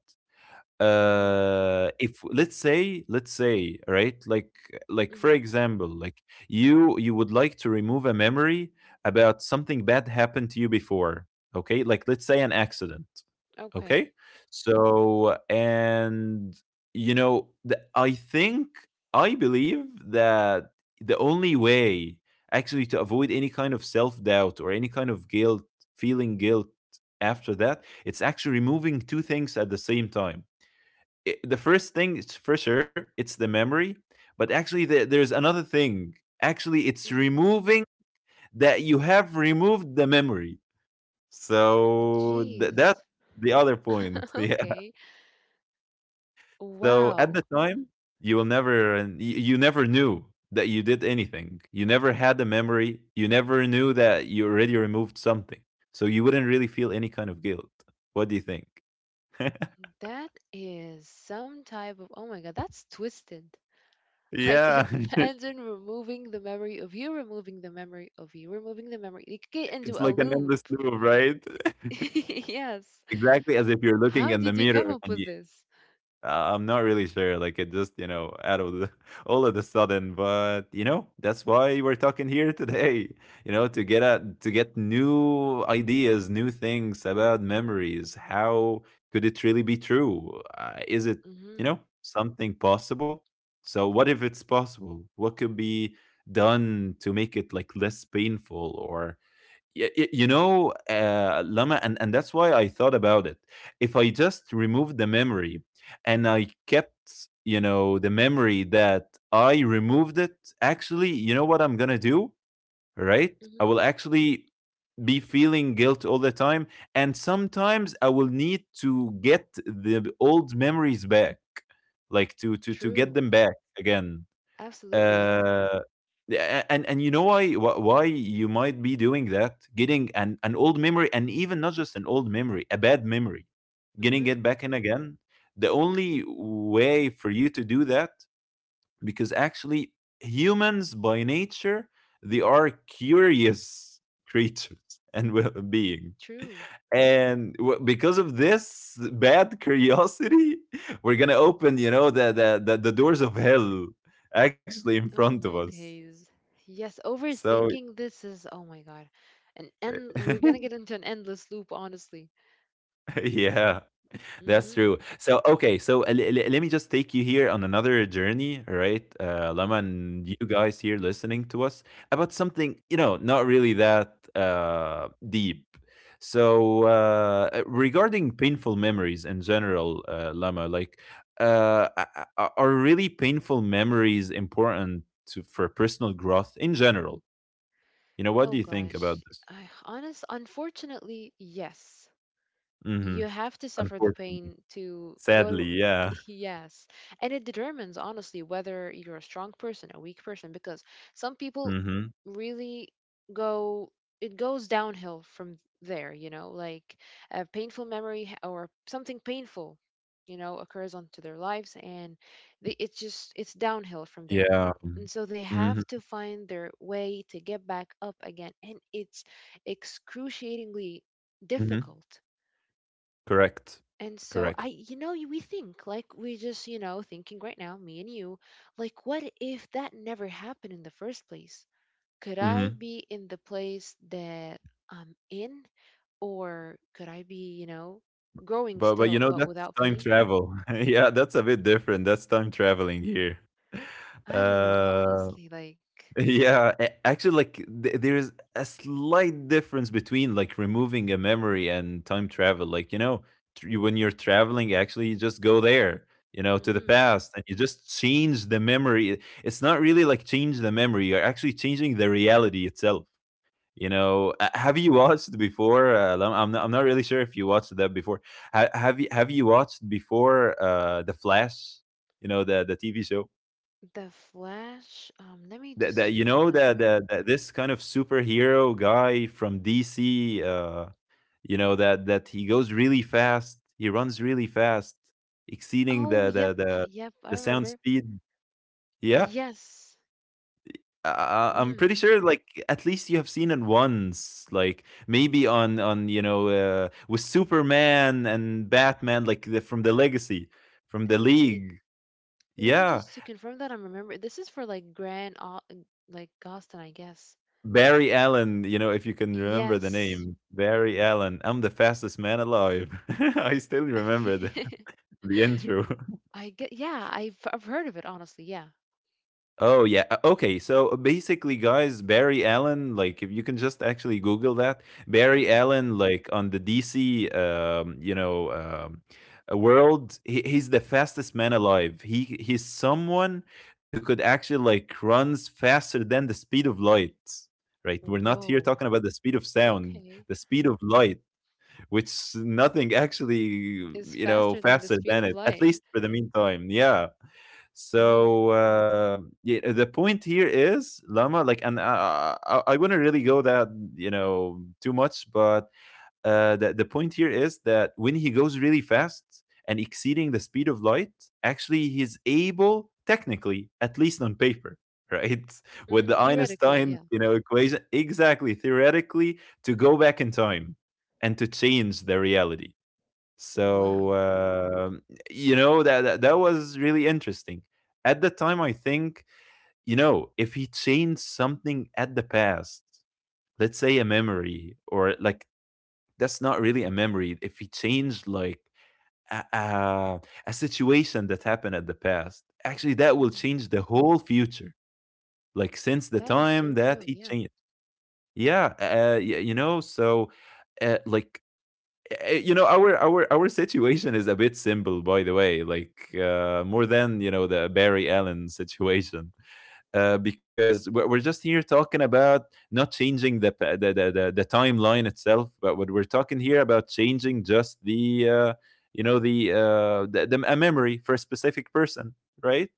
Speaker 2: Mm-hmm.
Speaker 1: If let's say, right, like for
Speaker 2: Mm-hmm.
Speaker 1: example, like you would like to remove a memory about something bad happened to you before, okay? Like, let's say an accident.
Speaker 2: Okay.
Speaker 1: Okay. So, and you know, I believe that the only way actually to avoid any kind of self doubt or any kind of guilt, feeling guilt after that, it's actually removing two things at the same time. I The first thing is for sure, it's the memory. But actually, there's another thing. Actually, it's
Speaker 2: Mm-hmm.
Speaker 1: removing that you have removed the memory. So that's
Speaker 2: Jeez.
Speaker 1: the other point.
Speaker 2: *laughs*
Speaker 1: *laughs* Yeah.
Speaker 2: Okay.
Speaker 1: So at the
Speaker 2: Wow.
Speaker 1: time, you will never, and you never knew that you did anything. You never had a memory. You never knew that you already removed something. So you wouldn't really feel any kind of guilt. What do you think? *laughs*
Speaker 2: That is some type of, oh my God, that's twisted. Like
Speaker 1: Yeah,
Speaker 2: *laughs*
Speaker 1: *laughs*
Speaker 2: imagine removing the memory of you, removing the memory of you, removing the memory. You could get into
Speaker 1: it's
Speaker 2: a
Speaker 1: like an
Speaker 2: loop.
Speaker 1: endless loop, right? *laughs*
Speaker 2: *laughs* Yes.
Speaker 1: Exactly as if you're looking
Speaker 2: How
Speaker 1: in the
Speaker 2: did you come
Speaker 1: mirror,
Speaker 2: up
Speaker 1: and
Speaker 2: with this?
Speaker 1: I'm not really sure. Like it just, you know, out of the *laughs* all of the sudden. But you know, that's why we're talking here today. You know, to get new ideas, new things about memories. How could it really be true? Is it,
Speaker 2: Mm-hmm.
Speaker 1: something possible? So what if it's possible? What could be done to make it like less painful or you know, Lama, and that's why I thought about it. If I just removed the memory and I kept, the memory that I removed it, actually, you know what I'm going to do? Right?
Speaker 2: Mm-hmm.
Speaker 1: I will actually be feeling guilt all the time. And sometimes I will need to get the old memories back, like to get
Speaker 2: True.
Speaker 1: them back again.
Speaker 2: Absolutely, yeah.
Speaker 1: Uh, yeah, and you know why why you might be doing that, getting an old memory, and even not just an old memory, a bad memory, getting it
Speaker 2: Mm-hmm.
Speaker 1: back in again. The only way for you to do that, because actually humans by nature they are curious *laughs* creatures and well-being.
Speaker 2: True.
Speaker 1: And because of this bad curiosity, *laughs* we're gonna open, the doors of hell actually in front
Speaker 2: Oh
Speaker 1: of
Speaker 2: my
Speaker 1: us.
Speaker 2: days. Yes,
Speaker 1: So,
Speaker 2: overthinking this is oh my god. An end we're gonna get
Speaker 1: *laughs*
Speaker 2: into an endless loop, honestly.
Speaker 1: yeah, that's
Speaker 2: Mm-hmm.
Speaker 1: true. So, okay, so let me just take you here on another journey, right? Lama
Speaker 2: Mm-hmm.
Speaker 1: and you guys here listening to us about something, not really that deep. So, regarding painful memories in general, Lama, like, are really painful memories important for personal growth in general? What
Speaker 2: Oh
Speaker 1: do you think about
Speaker 2: gosh.
Speaker 1: this?
Speaker 2: I honest Unfortunately, yes.
Speaker 1: Mm-hmm.
Speaker 2: You have to suffer the
Speaker 1: Unfortunately,
Speaker 2: pain to go
Speaker 1: sadly, yeah.
Speaker 2: *laughs* yes. And it determines, honestly, whether you're a strong person, a weak person, because some people
Speaker 1: Mhm.
Speaker 2: really go it goes downhill from there, like a painful memory or something painful, occurs onto their lives. And they, it's just it's downhill from there.
Speaker 1: Yeah.
Speaker 2: And so they have
Speaker 1: Mhm,
Speaker 2: to find their way to get back up again, and it's excruciatingly
Speaker 1: mhm.
Speaker 2: difficult.
Speaker 1: Correct.
Speaker 2: And so
Speaker 1: Correct.
Speaker 2: we think, like, we just, you know, thinking right now, me and you, like, what if that never happened in the first place? Could I
Speaker 1: Mhm.
Speaker 2: be in the place that I'm in? Or could I be, growing
Speaker 1: But but,
Speaker 2: still,
Speaker 1: you know,
Speaker 2: but
Speaker 1: that's
Speaker 2: without
Speaker 1: time
Speaker 2: pain?
Speaker 1: travel. *laughs* Yeah, that's a bit different. That's time traveling here. *laughs*
Speaker 2: I don't know, *laughs*
Speaker 1: Uh,
Speaker 2: honestly. Like,
Speaker 1: yeah, a actually, like, th there is a slight difference between, like, removing a memory and time travel. Like, when you're traveling, actually, you just go there, to the
Speaker 2: mm,
Speaker 1: past, and you just change the memory. It's not really like change the memory. You're actually changing the reality itself. Have you watched before? I'm not really sure if you watched that before. Have you watched before the Flash? You know the TV show
Speaker 2: the Flash, let me
Speaker 1: that
Speaker 2: just remind.
Speaker 1: that this kind of superhero guy from DC. You know that he goes really fast. He runs really fast, exceeding
Speaker 2: Oh,
Speaker 1: the
Speaker 2: yep,
Speaker 1: the the,
Speaker 2: yep, I
Speaker 1: the sound
Speaker 2: remember.
Speaker 1: speed. Yeah,
Speaker 2: Yes.
Speaker 1: I'm
Speaker 2: Mm,
Speaker 1: pretty sure, like at least you have seen it once, like maybe on with Superman and Batman, like from the Legacy, from the
Speaker 2: indeed.
Speaker 1: League.
Speaker 2: Let me
Speaker 1: Yeah,
Speaker 2: just to confirm that I'm remember. This is for like Grand, like Gaston, I guess.
Speaker 1: Barry Allen. You know if you can remember the
Speaker 2: Yes,
Speaker 1: name, Barry Allen. I'm the fastest man alive. *laughs* I still remember the
Speaker 2: *laughs*
Speaker 1: the intro.
Speaker 2: I get. Yeah, I've heard of it. Honestly, yeah.
Speaker 1: Oh yeah. Okay. So basically, guys, Barry Allen, like if you can just actually Google that, Barry
Speaker 2: Mm.
Speaker 1: Allen, like on the DC, world, he's the fastest man alive. He's someone who could actually like runs faster than the speed of light. Right. We're not here
Speaker 2: Whoa.
Speaker 1: talking about the speed of sound,
Speaker 2: Okay.
Speaker 1: the speed of light, which nothing actually,
Speaker 2: Is faster than the
Speaker 1: faster
Speaker 2: speed
Speaker 1: than
Speaker 2: of
Speaker 1: it, at
Speaker 2: light.
Speaker 1: least for the meantime. Yeah,
Speaker 2: Mm.
Speaker 1: so yeah, the point here is Lama. Like, and I wouldn't really go that too much, but the point here is that when he goes really fast and exceeding the speed of light, actually he's able, technically, at least on paper, right, *laughs* with
Speaker 2: Hmm.
Speaker 1: the
Speaker 2: Theoretically,
Speaker 1: Einstein
Speaker 2: yeah.
Speaker 1: equation, exactly theoretically, to go back in time and to change the reality so,
Speaker 2: Wow.
Speaker 1: that was really interesting. At the time, I think, if he changed something at the past, let's say a memory or like that's not really a memory. If he changed like a, a, a situation that happened at the past, actually that will
Speaker 2: Hmm.
Speaker 1: change the whole future. Like since the
Speaker 2: That is
Speaker 1: time
Speaker 2: so
Speaker 1: that he
Speaker 2: true. Yeah.
Speaker 1: changed. Yeah, so like our situation is a bit simple by the way like more than the Barry Allen situation. Because we're just here talking about not changing the timeline itself but what we're talking here about changing just the a memory for a specific person, right.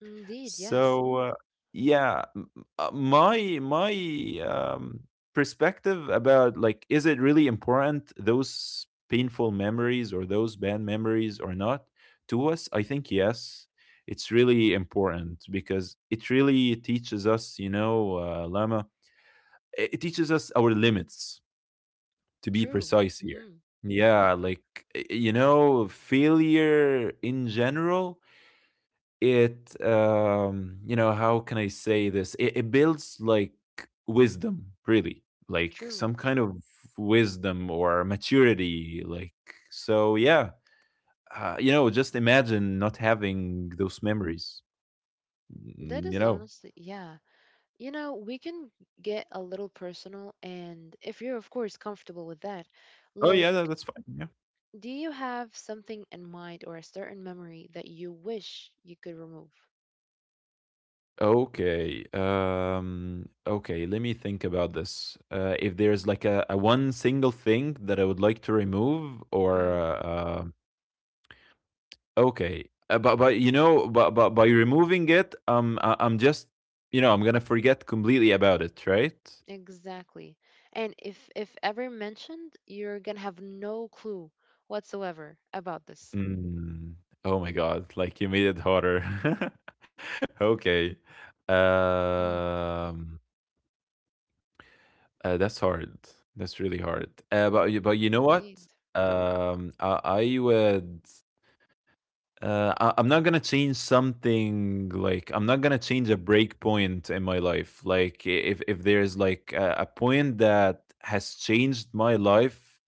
Speaker 2: Indeed. Yes.
Speaker 1: So, yeah, my perspective about like is it really important those painful memories or those bad memories or not to us? I think yes, it's really important because it really teaches us, Lama, it teaches us our limits to be
Speaker 2: True.
Speaker 1: precise here.
Speaker 2: Hmm.
Speaker 1: Yeah, like failure in general, it how can I say this, it builds like wisdom really, like
Speaker 2: True.
Speaker 1: some kind of wisdom or maturity, like. So, yeah. Just imagine not having those memories. Mm,
Speaker 2: That
Speaker 1: you
Speaker 2: is
Speaker 1: know
Speaker 2: honestly, yeah. You know, we can get a little personal, and if you're, of course, comfortable with that,
Speaker 1: Oh
Speaker 2: like,
Speaker 1: yeah, that's fine, yeah.
Speaker 2: do you have something in mind or a certain memory that you wish you could remove?
Speaker 1: Okay, okay, let me think about this. If there's like a one single thing that I would like to remove or
Speaker 2: Hmm.
Speaker 1: Okay, but you know, but by removing it, I'm just, I'm gonna forget completely about it, right?
Speaker 2: Exactly. And if ever mentioned, you're gonna have no clue whatsoever about this.
Speaker 1: Mm. Oh my God! Like you made it harder. *laughs* Okay,
Speaker 2: Mm.
Speaker 1: um, that's hard. That's really hard. But
Speaker 2: Mm-hmm.
Speaker 1: but you know what?
Speaker 2: Indeed.
Speaker 1: I would. I'm not gonna change something like I'm not gonna change a break point in my life. Like if there's like a point that has changed my life,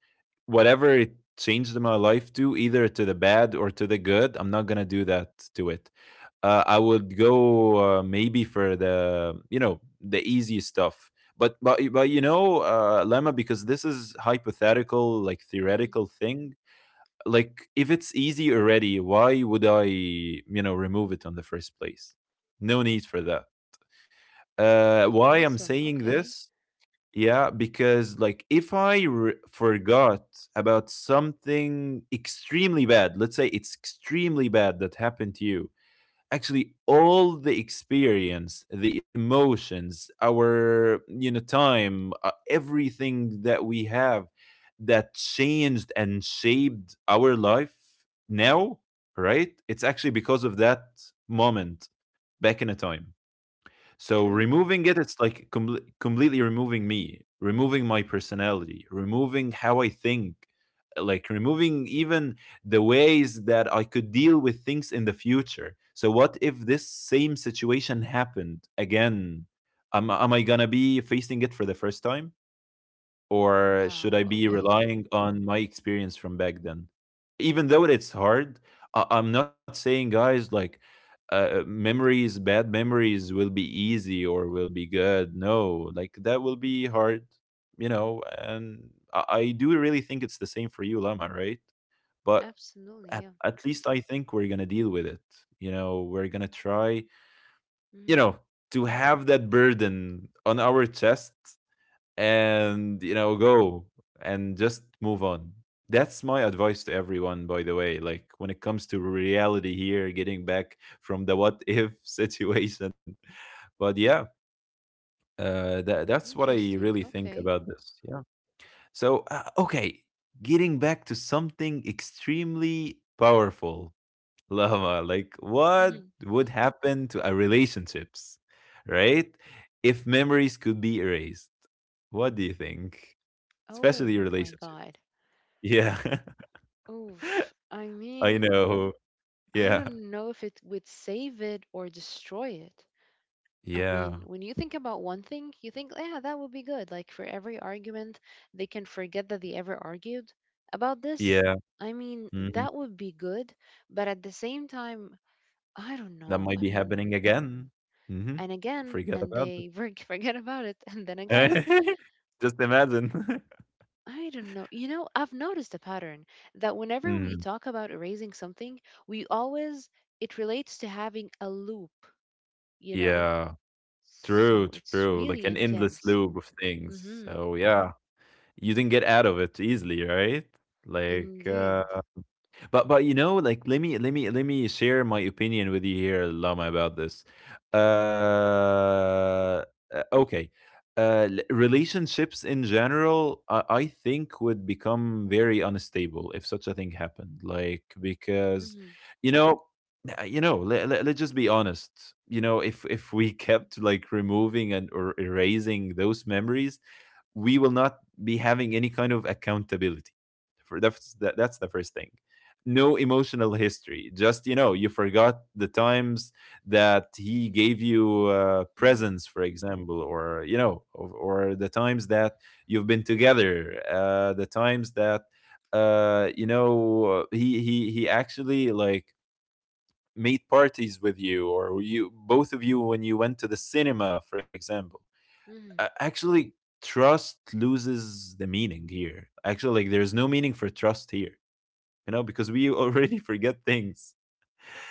Speaker 1: whatever it changed my life to, either to the bad or to the good, I'm not gonna do that to it. I would go maybe for the the easy stuff. But Lemma, because this is hypothetical, like
Speaker 2: Hmm.
Speaker 1: theoretical thing, like if it's easy already, why would I remove it on the first place? No need for that. Why I'm
Speaker 2: Awesome.
Speaker 1: saying
Speaker 2: Okay.
Speaker 1: this? Yeah, because like if I forgot about something extremely bad, let's say it's extremely bad that happened to you, actually all the experience, the emotions, our time, everything that we have that changed and shaped our life now, right, it's actually because of that moment back in a time. So
Speaker 2: True.
Speaker 1: removing it, it's like completely removing me, removing my personality, removing how I think, like removing even the ways that I could deal with things in the future. So what if this same situation happened again? Am I gonna be facing it for the first time? Or should I
Speaker 2: Wow.
Speaker 1: be
Speaker 2: Okay.
Speaker 1: relying on my experience from back then? Even though it's hard, I'm not saying, guys, like memories, bad memories will be easy or will be good. No, like that will be hard. And I do really think it's the same for you, Lama, right? But
Speaker 2: Absolutely.
Speaker 1: at,
Speaker 2: Yeah.
Speaker 1: at least I think we're gonna deal with it. We're gonna try. You
Speaker 2: Hmm.
Speaker 1: know, to have that burden on our chest and go and just move on, that's my advice to everyone, by the way, like when it comes to reality here, getting back from the what if *laughs* situation. But yeah, that's what I really
Speaker 2: Interesting.
Speaker 1: think
Speaker 2: Okay.
Speaker 1: about this, yeah. So, okay. Getting back to something extremely powerful, *laughs* Lama, like what would happen to our relationships, right, if memories could be erased? What do you think? Especially your
Speaker 2: Oh my
Speaker 1: relationship.
Speaker 2: God.
Speaker 1: Yeah. *laughs*
Speaker 2: Oof. I
Speaker 1: I
Speaker 2: mean,
Speaker 1: know.
Speaker 2: I
Speaker 1: Yeah.
Speaker 2: don't know if it would save it or destroy it. I
Speaker 1: Yeah.
Speaker 2: mean, when you think about one thing, you think, yeah, that would be good. Like, for every argument, they can forget that they ever argued about this.
Speaker 1: Yeah.
Speaker 2: I mean,
Speaker 1: Mhm.
Speaker 2: that would be good. But at the same time, I don't
Speaker 1: That
Speaker 2: know.
Speaker 1: might
Speaker 2: I
Speaker 1: be
Speaker 2: mean,
Speaker 1: happening again. Mhm.
Speaker 2: and
Speaker 1: Don't
Speaker 2: again,
Speaker 1: forget
Speaker 2: and
Speaker 1: about it.
Speaker 2: they *laughs* forget about it, and then again.
Speaker 1: *laughs* Just imagine. *laughs*
Speaker 2: I don't know. You know, I've noticed a pattern that whenever we
Speaker 1: Mhm.
Speaker 2: talk about erasing something, we always, it relates to having a loop, you know?
Speaker 1: Yeah. True,
Speaker 2: So it's
Speaker 1: true. Like an
Speaker 2: really
Speaker 1: endless
Speaker 2: intense.
Speaker 1: loop of things.
Speaker 2: Mm-hmm.
Speaker 1: So yeah. You didn't get out of it easily, right? Like, uh
Speaker 2: Indeed.
Speaker 1: But but like let me share my opinion with you here, Lama, about this. Uh, okay. Relationships in general, I think would become very unstable if such a thing happened. Like because,
Speaker 2: Mm-hmm.
Speaker 1: you know, let's just be honest. If we *laughs* kept like removing and or erasing those memories, we will not be having any kind of accountability. For That's the first thing. No emotional history. Just you forgot the times that he gave you
Speaker 2: Mm-hmm.
Speaker 1: presents, for example, or or the times that you've been together, the times that he actually like made parties with you, or you both of you when you went to the cinema, for example.
Speaker 2: Mm-hmm.
Speaker 1: Actually, trust loses the meaning here, actually, like there's no meaning for trust here, because we already *laughs* forget things.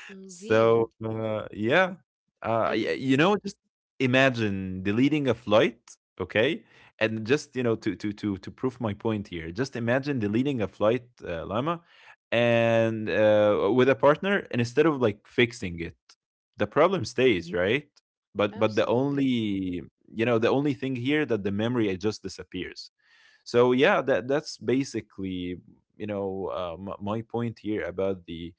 Speaker 2: Indeed.
Speaker 1: So, yeah,
Speaker 2: And
Speaker 1: just imagine deleting a flight, okay? And just, you know, to prove my point here, just imagine deleting a flight, Lama, and with a partner, and instead of like fixing it, the problem stays, right? But the
Speaker 2: absolutely.
Speaker 1: only, you know, the only thing here that the memory it just disappears. So yeah, that's basically, you know, m my point here about the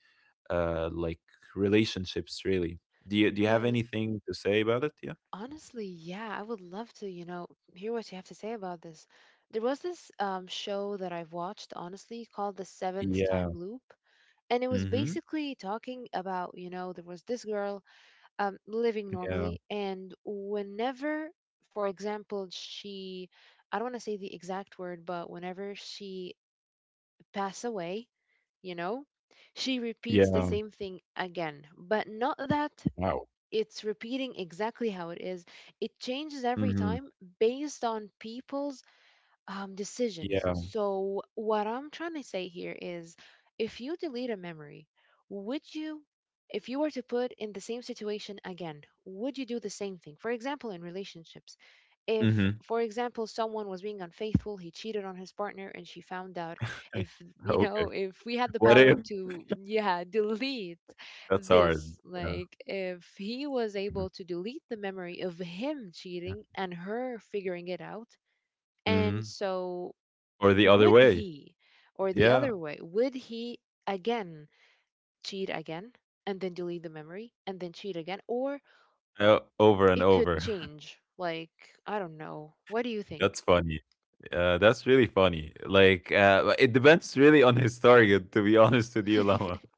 Speaker 1: like relationships, really. Do you have
Speaker 2: But
Speaker 1: anything to say about it? Yeah.
Speaker 2: honestly, yeah, I would love to, hear what you have to say about this. There was this show that I've watched, honestly, called The Seventh
Speaker 1: Yeah.
Speaker 2: Time Loop. And it was
Speaker 1: Mhm.
Speaker 2: basically talking about, there was this girl, living
Speaker 1: Yeah.
Speaker 2: normally. And whenever, for example, she I don't want to say the exact word, but whenever she pass away, you know she repeats the
Speaker 1: Yeah.
Speaker 2: same thing again, but not that
Speaker 1: Wow.
Speaker 2: it's repeating exactly how it is, it changes every
Speaker 1: Mhm.
Speaker 2: time based on people's
Speaker 1: Yeah.
Speaker 2: decisions. So, what I'm trying to say here is, if you delete a memory, would you, if you were to put in the same situation again, would you do the same thing? For example, in relationships, if,
Speaker 1: Mhm.
Speaker 2: for example, someone was being unfaithful, he cheated on his partner and she found out,
Speaker 1: *laughs*
Speaker 2: if, you
Speaker 1: Okay.
Speaker 2: know, if we had the
Speaker 1: What
Speaker 2: power
Speaker 1: if
Speaker 2: to, yeah, *laughs* delete
Speaker 1: that's hard.
Speaker 2: this,
Speaker 1: Yeah.
Speaker 2: like, if he was
Speaker 1: Mhm.
Speaker 2: able to delete the memory of him
Speaker 1: Yeah.
Speaker 2: cheating and her figuring it out, and
Speaker 1: Mhm.
Speaker 2: so,
Speaker 1: Or the other
Speaker 2: would
Speaker 1: way.
Speaker 2: he, or the
Speaker 1: Yeah.
Speaker 2: other way, would he again cheat again, and then delete the memory, and then cheat again? Or
Speaker 1: Over and
Speaker 2: it could
Speaker 1: over. *laughs*
Speaker 2: change. Like, I don't know. What do you
Speaker 1: That's
Speaker 2: think?
Speaker 1: funny. That's really funny. Like, it depends really on his target, to be *laughs* honest with you, Lama. *laughs*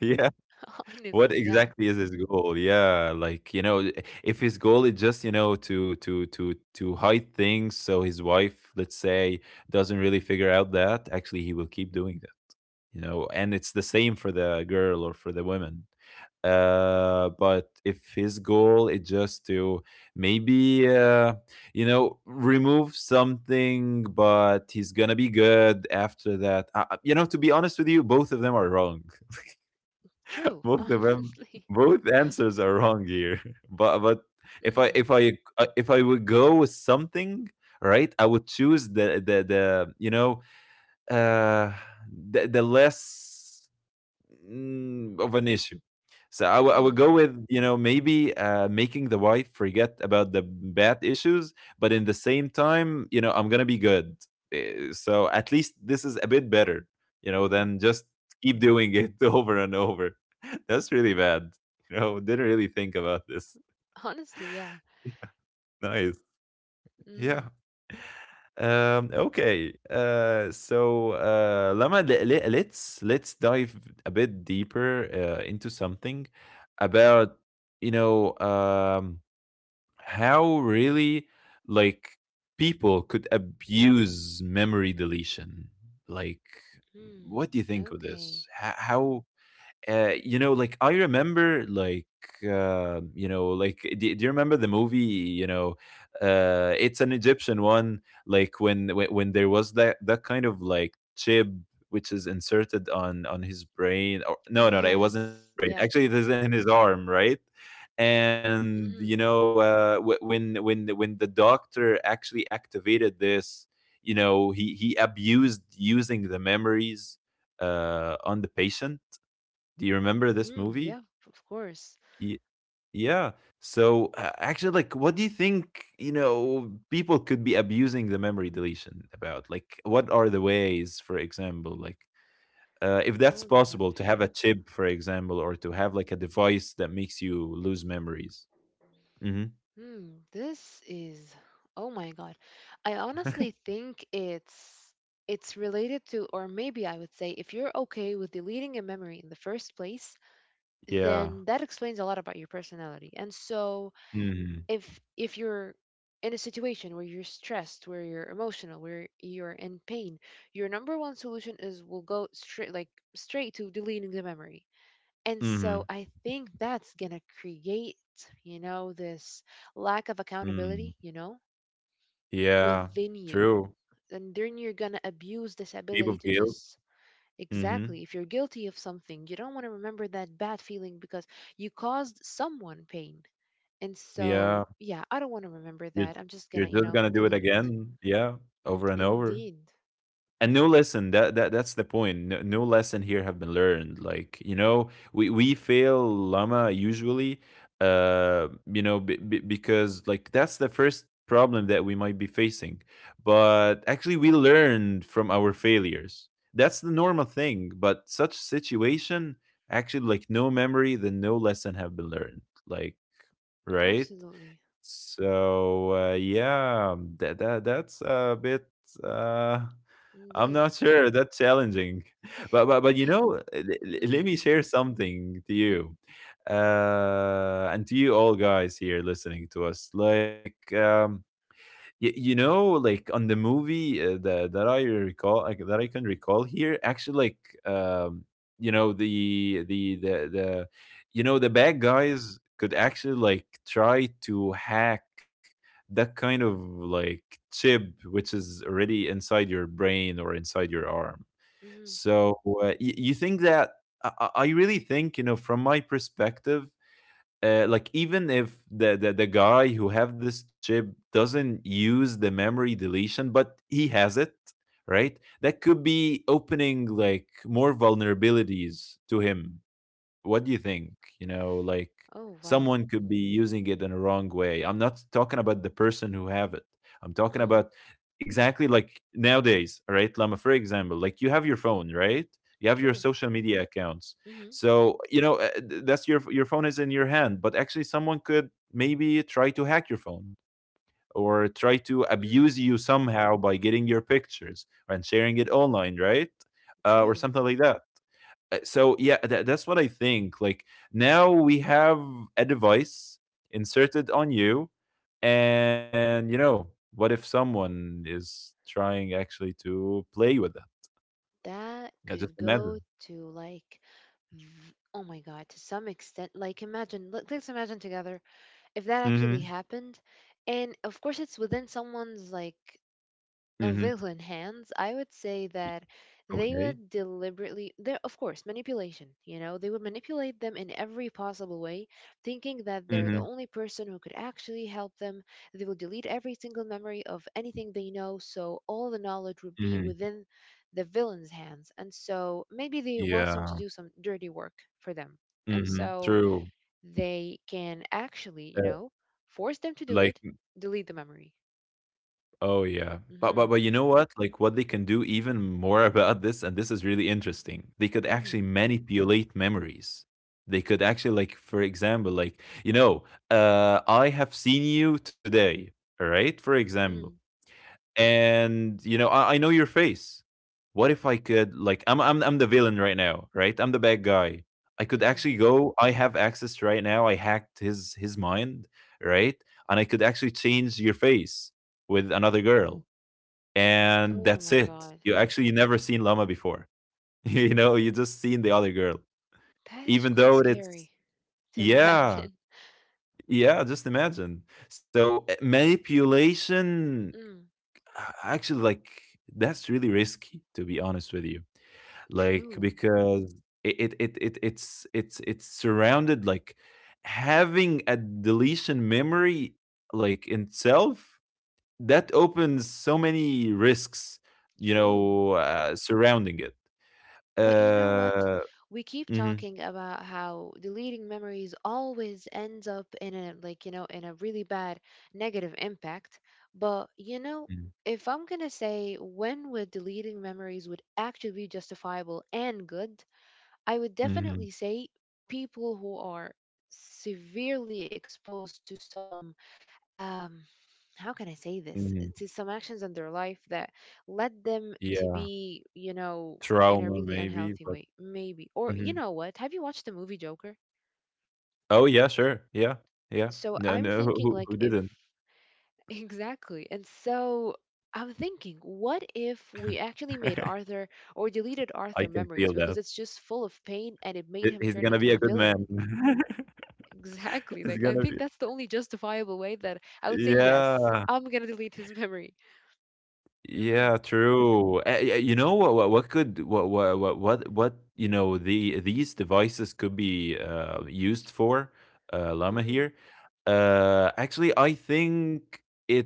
Speaker 1: Yeah.
Speaker 2: *laughs*
Speaker 1: What
Speaker 2: Honestly, yeah.
Speaker 1: exactly is his goal? Yeah, like, you know, if his goal is just, you know, to hide things so his wife, let's say, doesn't really figure out, that actually he will keep doing that, you know. And it's the same for the girl or for the woman. But if his goal is just to maybe you know, remove something but he's gonna be good after that, you know, to be honest with you, both of them are wrong.
Speaker 2: True,
Speaker 1: Both of
Speaker 2: *laughs*
Speaker 1: them,
Speaker 2: honestly.
Speaker 1: both answers are wrong here, *laughs* but if i
Speaker 2: Mm,
Speaker 1: if i if I would go with something, right, I would choose the you know uh the less of an issue. So I
Speaker 2: mm,
Speaker 1: would go with, you know, maybe making the wife forget about the bad issues, but in the same time, you know, I'm gonna be good. So at least this is a bit better, you know,
Speaker 2: mm.
Speaker 1: than just keep doing it *laughs* over and over. *laughs* That's really bad. You know, didn't really think about this.
Speaker 2: Honestly, yeah.
Speaker 1: *laughs* Nice. Yeah.
Speaker 2: Mm,
Speaker 1: Okay. So, Lama, let's dive a bit deeper into something about, you know, how really, like, people could abuse memory deletion. Like,
Speaker 2: mm.
Speaker 1: what do you think of this?
Speaker 2: Okay.
Speaker 1: How, you know, like I remember, like, you know, like, do you remember the movie? You know, it's an Egyptian one. Like when there was that kind of like chip which is inserted on his brain. Or, no, no, no, it wasn't his
Speaker 2: Yes,
Speaker 1: brain.
Speaker 2: yeah.
Speaker 1: Actually, it is in his arm, right? And you
Speaker 2: Mm,
Speaker 1: know, when the doctor actually activated this, you know, he abused using the memories on the patient. Do you remember this
Speaker 2: mm,
Speaker 1: movie?
Speaker 2: yeah, of course.
Speaker 1: Y- yeah. So actually, like, what do you think? You know, people could be abusing the memory deletion about. Like, what are the ways, for example, like, if that's
Speaker 2: Oh my
Speaker 1: possible, to
Speaker 2: gosh.
Speaker 1: have a chip, for example, or to have like a device that makes you lose memories. Hmm.
Speaker 2: Hmm, this is oh my God. I honestly think it's related to, or maybe I would say, if you're okay with deleting a memory in the first place,
Speaker 1: Yeah.
Speaker 2: then that explains a lot about your personality. And so
Speaker 1: Hmm.
Speaker 2: if you're in a situation where you're stressed, where you're emotional, where you're in pain, your number one solution is will go straight, like, straight to deleting the memory. And so
Speaker 1: Hmm.
Speaker 2: I think that's going to create, this lack of
Speaker 1: Mm.
Speaker 2: accountability,
Speaker 1: Yeah.
Speaker 2: within you.
Speaker 1: True.
Speaker 2: And then you're going to abuse this
Speaker 1: Heap
Speaker 2: ability
Speaker 1: of
Speaker 2: to
Speaker 1: guilt.
Speaker 2: just,
Speaker 1: Hmm.
Speaker 2: exactly, if you're guilty of something, you don't want to remember that bad feeling because you caused someone pain. And so,
Speaker 1: Yeah.
Speaker 2: yeah, I don't want to remember
Speaker 1: You're
Speaker 2: that. I'm just going
Speaker 1: you're
Speaker 2: to,
Speaker 1: just gonna do it
Speaker 2: delete it.
Speaker 1: again. Yeah.
Speaker 2: Mm,
Speaker 1: Over and over.
Speaker 2: indeed.
Speaker 1: And no lesson, that, that's the point. No, no lesson here have been learned, like, you know, we fail, Llama, usually. You know, because like that's the first problem that we might be facing, but actually we learned from our failures. That's the normal thing. But such situation, actually, like, no memory then no lesson have been learned, like, right?
Speaker 2: Absolutely.
Speaker 1: So yeah, that that's a bit uh I'm
Speaker 2: Indeed.
Speaker 1: not sure, that's challenging. *laughs* But you know, l-
Speaker 2: *laughs*
Speaker 1: l- let
Speaker 2: Hmm.
Speaker 1: me share something to you. And to you all guys here listening to us. Like, um, you know, like on the movie that that I recall, like, that I can recall here, actually, like, you know, the you know the bad guys could actually like try to hack that kind of like chip which is already inside your brain or inside your arm.
Speaker 2: Hmm.
Speaker 1: So you think that I really think, you know, from my perspective, like, even if the, the guy who have this chip doesn't use the memory deletion but he has it, right, that could be opening like more vulnerabilities to him. What do you think? You know, like,
Speaker 2: Oh, wow.
Speaker 1: someone could be using it in a wrong way. I'm not talking about the person who have it. I'm talking
Speaker 2: Hmm.
Speaker 1: about exactly like nowadays, right? Lama, for example, like you have your phone, right? You have
Speaker 2: True.
Speaker 1: your social media accounts.
Speaker 2: Hmm.
Speaker 1: So, you know, that's your phone is in your hand, but actually someone could maybe try to hack your phone or try to
Speaker 2: Mm,
Speaker 1: abuse you somehow by getting your pictures and sharing it online, right? Or
Speaker 2: true.
Speaker 1: something like that. So yeah, that's what I think. Like, now we have a device inserted on you, and you know, what if someone is trying actually to play with that?
Speaker 2: That
Speaker 1: Yeah,
Speaker 2: could
Speaker 1: just
Speaker 2: go
Speaker 1: imagine.
Speaker 2: to like v- oh my god, to some extent, like, imagine. Let's imagine together. If that actually
Speaker 1: Mm-hmm.
Speaker 2: happened, and of course it's within someone's like a
Speaker 1: Mm-hmm.
Speaker 2: villain hands, I would say that they
Speaker 1: Okay.
Speaker 2: would deliberately, there, of course, manipulation, they would manipulate them in every possible way, thinking that they're the
Speaker 1: Mm-hmm.
Speaker 2: only person who could actually help them. They will delete every single memory of anything they know, so all the knowledge would be
Speaker 1: Mm-hmm.
Speaker 2: within the villain's hands. And so maybe they want them to do
Speaker 1: Yeah.
Speaker 2: some dirty work for them. And
Speaker 1: Mm-hmm.
Speaker 2: so
Speaker 1: True.
Speaker 2: they can actually,
Speaker 1: uh,
Speaker 2: force them to do it,
Speaker 1: like,
Speaker 2: delete the memory.
Speaker 1: oh yeah.
Speaker 2: Mm-hmm.
Speaker 1: But you know what? Like what they can do even more *laughs* about this, and this is really interesting. They could
Speaker 2: Mm-hmm.
Speaker 1: actually manipulate memories. They could actually like, for example, like, you know, I have seen you today, all right? For example,
Speaker 2: Mm-hmm.
Speaker 1: and you know I know your face. What if I could, like, I'm the villain right now, right? I'm the bad guy. I could
Speaker 2: Mm-hmm.
Speaker 1: actually go, I have access right now, I hacked his mind, right? And I could actually change your face with another girl, and
Speaker 2: Oh
Speaker 1: that's
Speaker 2: my
Speaker 1: it,
Speaker 2: god.
Speaker 1: you actually never seen Llama before. *laughs* You know, you just seen the other girl,
Speaker 2: That is
Speaker 1: even
Speaker 2: quite
Speaker 1: though it's,
Speaker 2: scary to *laughs*
Speaker 1: yeah,
Speaker 2: imagine.
Speaker 1: yeah, just imagine. So manipulation,
Speaker 2: Mm,
Speaker 1: actually, like, that's really risky, to be honest with you. Like,
Speaker 2: true,
Speaker 1: because it it's surrounded, like, having a deletion memory, like, in itself, that opens so many risks, you
Speaker 2: true.
Speaker 1: know, surrounding it.
Speaker 2: But you know what?
Speaker 1: Uh,
Speaker 2: We keep
Speaker 1: mm-hmm.
Speaker 2: talking about how deleting memories always ends up in a like, you know, in a really bad negative impact. But you know, if I'm gonna say when would deleting memories would actually be justifiable and good, I would definitely
Speaker 1: Hmm.
Speaker 2: say people who are severely exposed to some um how can I say this, to
Speaker 1: Hmm.
Speaker 2: some actions in their life that led them to
Speaker 1: Yeah,
Speaker 2: be, in a
Speaker 1: trauma
Speaker 2: really
Speaker 1: maybe,
Speaker 2: unhealthy way,
Speaker 1: but
Speaker 2: maybe. Or you know
Speaker 1: mhm.
Speaker 2: what? Have you watched the movie Joker?
Speaker 1: Oh yeah, sure, yeah, yeah.
Speaker 2: So
Speaker 1: No,
Speaker 2: I'm
Speaker 1: no, *laughs*
Speaker 2: thinking, like,
Speaker 1: who
Speaker 2: if
Speaker 1: didn't?
Speaker 2: *laughs* exactly. And so I'm thinking, what if we actually made
Speaker 1: *laughs*
Speaker 2: Arthur, or deleted
Speaker 1: I
Speaker 2: Arthur
Speaker 1: can feel
Speaker 2: memories because
Speaker 1: that.
Speaker 2: it's just full of pain and it made
Speaker 1: He
Speaker 2: him
Speaker 1: he's
Speaker 2: turn
Speaker 1: gonna be
Speaker 2: into
Speaker 1: a
Speaker 2: a
Speaker 1: good man.
Speaker 2: villain? *laughs*
Speaker 1: *laughs*
Speaker 2: Exactly.
Speaker 1: It's
Speaker 2: Like, I
Speaker 1: gonna
Speaker 2: think
Speaker 1: be,
Speaker 2: that's the only justifiable way that I would say yes.
Speaker 1: yeah.
Speaker 2: I'm gonna delete his *laughs* memory. Mm-hmm.
Speaker 1: Yeah, true. Yeah, you know what could what, you know, the these devices could be, used for, Llama
Speaker 2: Mm-hmm.
Speaker 1: here? Actually, I think it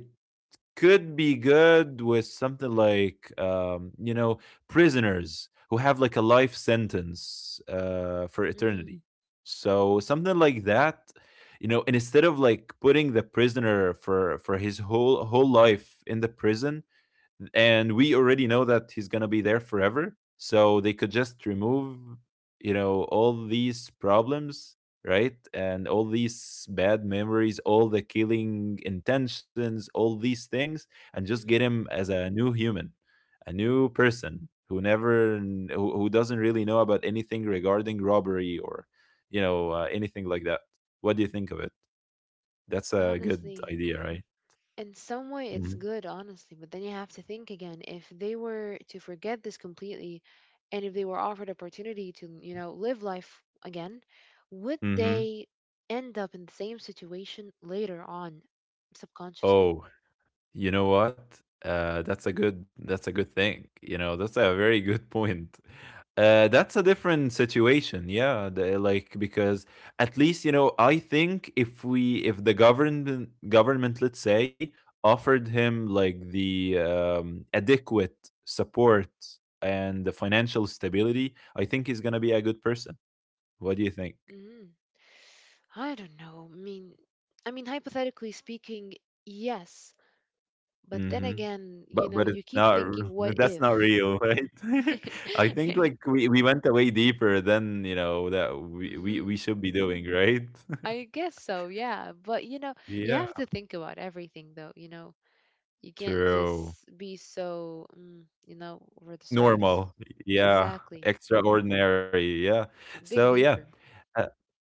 Speaker 1: could be good with something like, you know, prisoners who have like a life sentence for
Speaker 2: Mm-hmm.
Speaker 1: eternity, so something like that. You know, and instead of like putting the prisoner for his whole life in the prison, and we already know that he's gonna be there forever. So they could just remove, you know, all these problems, right? And all these bad memories, all the killing intentions, all these things, and just
Speaker 2: Mm-hmm.
Speaker 1: get him as a new human, a new person who never, kn- who doesn't really know about anything regarding robbery or, you know, anything like that. What do you think of it? That's a good
Speaker 2: Honestly,
Speaker 1: idea, right?
Speaker 2: in some way
Speaker 1: Hmm.
Speaker 2: it's good, honestly, but then you have to think again. If they were to forget this completely, and if they were offered opportunity to, live life again, would
Speaker 1: Hmm.
Speaker 2: they end up in the same situation later on, subconsciously?
Speaker 1: Oh, you know what? That's a good, that's a good thing. You know, that's a very good *laughs* point. That's a different situation, yeah. The, like, because at least, you know, I think if we, if the government, let's say, offered him like the, adequate support and the financial stability, I think he's gonna be a good person. What do you think?
Speaker 2: Mm. I don't know. I mean, hypothetically speaking, yes, but then
Speaker 1: Mhm.
Speaker 2: again,
Speaker 1: But it's
Speaker 2: you keep
Speaker 1: not r
Speaker 2: thinking, what
Speaker 1: *laughs* that's not
Speaker 2: if?
Speaker 1: real, right?
Speaker 2: *laughs*
Speaker 1: *laughs* I think, like, we went away deeper than, you know, that we we
Speaker 2: Mhm.
Speaker 1: we should be doing, right?
Speaker 2: I
Speaker 1: *laughs*
Speaker 2: guess so, yeah. But you have
Speaker 1: Yeah.
Speaker 2: to think about everything though, you know. You can't
Speaker 1: True.
Speaker 2: just be so, over the surface.
Speaker 1: Normal. Yeah.
Speaker 2: Exactly.
Speaker 1: Extraordinary, yeah. So,
Speaker 2: Dig
Speaker 1: yeah.
Speaker 2: deeper.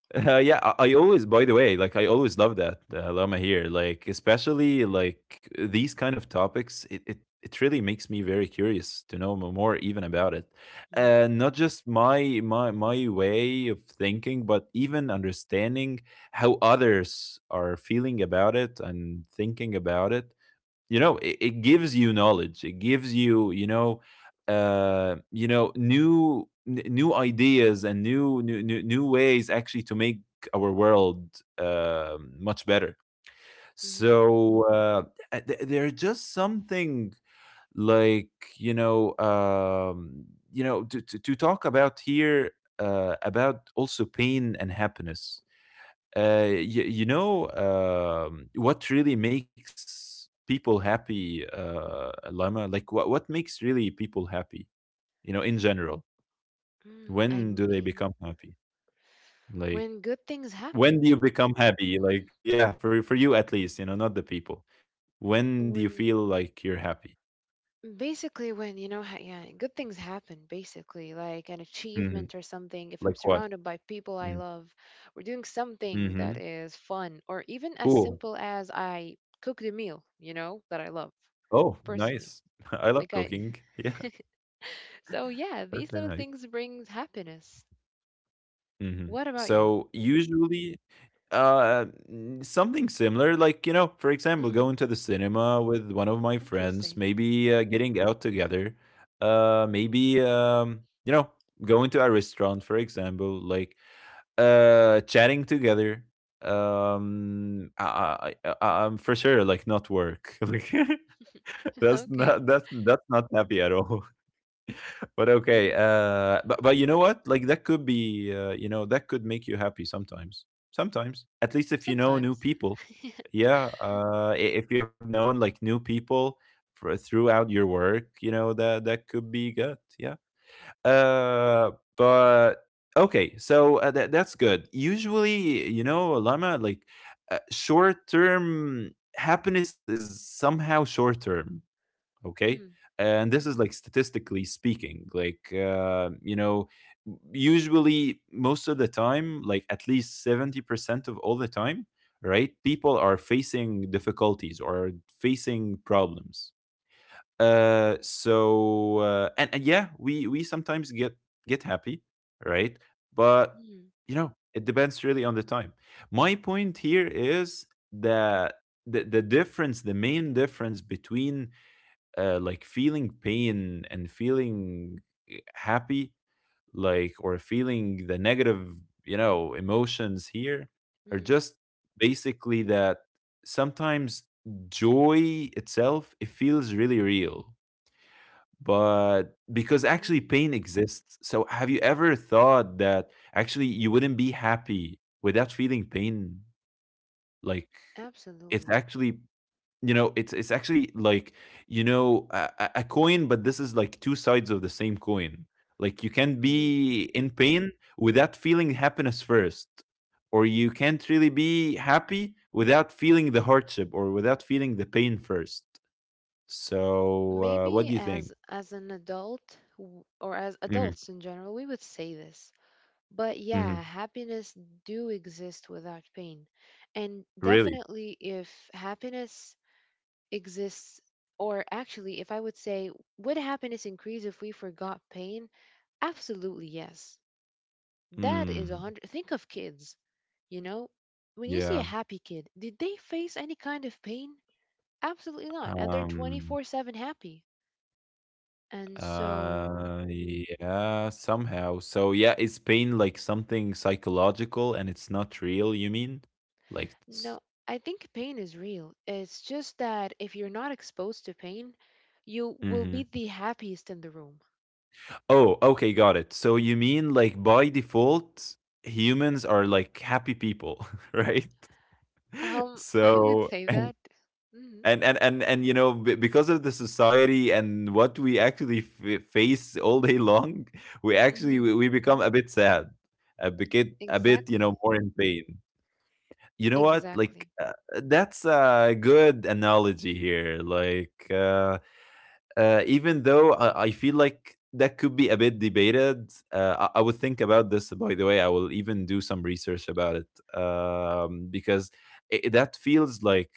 Speaker 1: Yeah, I always, by the way, like, I always love that, Lama here. Like, especially like these kind of topics, it really makes me very curious to know more even about it,
Speaker 2: Mm-hmm.
Speaker 1: not just my way of thinking, but even understanding how others are feeling about it and thinking about it. You know, it gives you knowledge, it gives you, you know, you know, new new ideas and new ways, actually, to make our world much better.
Speaker 2: Mm-hmm.
Speaker 1: So there's just something like, you know, um, you know, to talk about here about also pain and happiness. You, you know, what really makes people happy, Lama? Like, what makes really people happy? You know, in general,
Speaker 2: Mm, I
Speaker 1: when do they
Speaker 2: mean,
Speaker 1: become happy?
Speaker 2: when
Speaker 1: Like,
Speaker 2: good things happen,
Speaker 1: when do you become happy? Like, yeah, for you at least, you know, not the people. When do you
Speaker 2: when
Speaker 1: feel like you're happy?
Speaker 2: when you know, ha- yeah, good things happen basically, like an achievement
Speaker 1: Hmm.
Speaker 2: or something. If I'm
Speaker 1: Like what?
Speaker 2: surrounded by people I
Speaker 1: Hmm.
Speaker 2: love, we're doing something that
Speaker 1: Hmm.
Speaker 2: is fun or even as simple
Speaker 1: Cool.
Speaker 2: as I cooked a meal, that I love,
Speaker 1: Oh,
Speaker 2: personally.
Speaker 1: nice. *laughs* I love
Speaker 2: Like I,
Speaker 1: cooking. *laughs* Yeah,
Speaker 2: *laughs* so yeah,
Speaker 1: that's
Speaker 2: these
Speaker 1: very
Speaker 2: little
Speaker 1: nice.
Speaker 2: things brings happiness. What about you?
Speaker 1: So usually, uh something similar, like, you know, for example,
Speaker 2: Mm,
Speaker 1: going to the cinema with one of my friends,
Speaker 2: interesting. *laughs*
Speaker 1: maybe getting out together. Maybe going to a restaurant, for example, like chatting together. I'm for sure, like, not work *laughs* like *laughs* that's not
Speaker 2: Okay.
Speaker 1: that's that's not happy at all. But okay,
Speaker 2: Hmm.
Speaker 1: but you know what? Like that could be, you know, that could make you happy sometimes. Sometimes, at least if you know new
Speaker 2: Sometimes.
Speaker 1: people.
Speaker 2: *laughs*
Speaker 1: Yeah, if you have known, like, new people for, throughout your work, you know that that could be good. Yeah. Uh, but okay, so that's good. Usually, you know, Lama, like short term happiness is somehow short term, okay.
Speaker 2: Mm,
Speaker 1: And this is like statistically speaking, like, you know, usually most of the time, like at least 70% of all the time, right, people are facing difficulties or facing problems. Uh so uh, and, and yeah, we sometimes get happy, right? But
Speaker 2: mm,
Speaker 1: you know, it depends really on the time. My point here is that the difference, the main difference between like feeling pain and feeling happy, like, or feeling the negative, you know, emotions here, are
Speaker 2: mm,
Speaker 1: just basically that sometimes joy itself, it feels really real. But because actually
Speaker 2: mm.
Speaker 1: pain exists. So have you ever thought that actually you wouldn't be happy without feeling pain? Like,
Speaker 2: Absolutely.
Speaker 1: it's actually, you know, it's actually like, you know, a coin, but this is like 2 sides of the same coin. Like, you can
Speaker 2: Mm.
Speaker 1: be in pain without feeling happiness first, or you can't really be happy without feeling the hardship or without feeling the pain first. So, what do you
Speaker 2: Maybe
Speaker 1: think?
Speaker 2: as an adult or as
Speaker 1: Mhm,
Speaker 2: adults in general, we would say this. But
Speaker 1: mhm.
Speaker 2: yeah, happiness do exist without pain. And
Speaker 1: Really?
Speaker 2: definitely, if happiness exists, or actually, if I would say, would happiness increase if we forgot pain? Absolutely yes. That is a
Speaker 1: Mm,
Speaker 2: hundred. Think of kids, you know when you see a
Speaker 1: yeah,
Speaker 2: happy kid, did they face any kind of pain? Absolutely not. And they're
Speaker 1: um
Speaker 2: 24/7 happy. And so,
Speaker 1: Yeah, somehow. So yeah, is pain like something psychological and it's not real, you mean? Like,
Speaker 2: no,
Speaker 1: it's-
Speaker 2: I think pain is real. It's just that if you're not exposed to pain, you will
Speaker 1: Mhm.
Speaker 2: be the happiest in the room.
Speaker 1: Oh, okay, got it. So you mean, like, by default, humans are like happy people, *laughs* right? *laughs*
Speaker 2: *laughs* I would
Speaker 1: So
Speaker 2: say that. Hmm.
Speaker 1: and you know, because of the society and what we actually face all day long, we actually we,
Speaker 2: Hmm.
Speaker 1: we become a bit sad, a bit, you know,
Speaker 2: Exactly.
Speaker 1: more in pain. You know what? Like
Speaker 2: Exactly.
Speaker 1: that's a good analogy here. Like even though I feel like that could be a bit debated, I would think about this. By the way, I will even do some research about it, because it, that feels like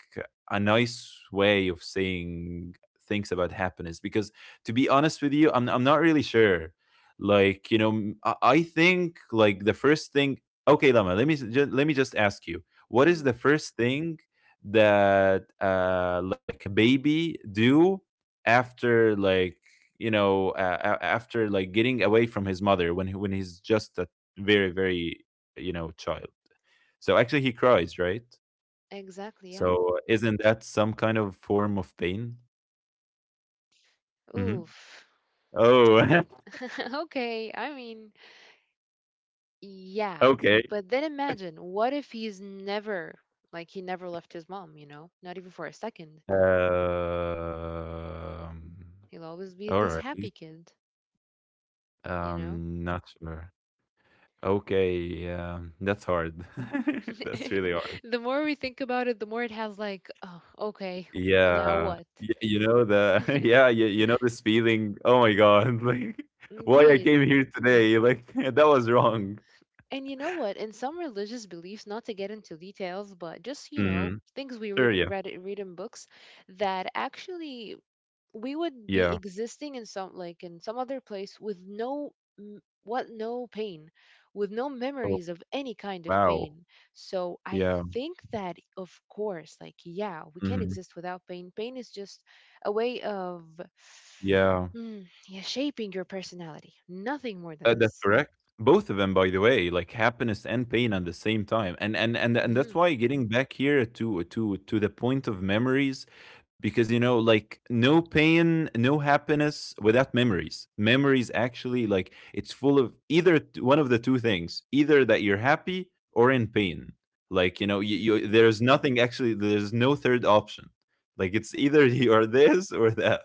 Speaker 1: a nice way of saying things about happiness. Because to be honest with you, I'm not really sure. Like you know, I think like the first thing. Okay, Lama, let me just ask you, what is the
Speaker 2: Mm,
Speaker 1: first thing that like a baby do after like, you know, after like getting away from his mother when he, when he's just a very very you know, child. So actually he cries, right?
Speaker 2: exactly, yeah.
Speaker 1: So isn't that some kind of form of pain? hmm
Speaker 2: Oof.
Speaker 1: oh *laughs*
Speaker 2: *laughs* Okay, I mean, yeah.
Speaker 1: okay.
Speaker 2: But then imagine, what if he never left his mom, you know? Not even for a second.
Speaker 1: um
Speaker 2: He'll always be
Speaker 1: all
Speaker 2: this
Speaker 1: right.
Speaker 2: happy kid, you know?
Speaker 1: Not sure. Okay, yeah, that's hard. *laughs* That's
Speaker 2: *laughs*
Speaker 1: really hard.
Speaker 2: The more we think about it, the more it has, like, oh, okay, now
Speaker 1: Yeah.
Speaker 2: what?
Speaker 1: Y You know the *laughs* yeah, you know this feeling, "Oh my god, *laughs* like, why I
Speaker 2: Indeed.
Speaker 1: came here today, like, *laughs* that was wrong."
Speaker 2: And you know what? In some religious beliefs, not to get into details, but just,
Speaker 1: Mm.
Speaker 2: things we read
Speaker 1: Sure, yeah.
Speaker 2: read read in books that actually we would
Speaker 1: Yeah.
Speaker 2: be existing in some like in some other place with no m- what no pain, with no
Speaker 1: Oh,
Speaker 2: memories of any kind of
Speaker 1: wow.
Speaker 2: pain. So I
Speaker 1: Yeah.
Speaker 2: think that, of course, like, yeah, we can not
Speaker 1: Mhm.
Speaker 2: exist without pain. Pain is just a way of,
Speaker 1: Yeah.
Speaker 2: yeah, shaping your personality, nothing more than
Speaker 1: That's
Speaker 2: this.
Speaker 1: correct. Both of them, by the way, like happiness and pain at the same time, and that's
Speaker 2: Hmm.
Speaker 1: why getting back here to the point of memories, because you know, like, no pain, no happiness without memories. Memories actually, like it's full of either, one of the two things, either that you're happy or in pain. Like you know,
Speaker 2: Hmm.
Speaker 1: you there's nothing actually. There's no third option. Like it's either *laughs* you are this or that.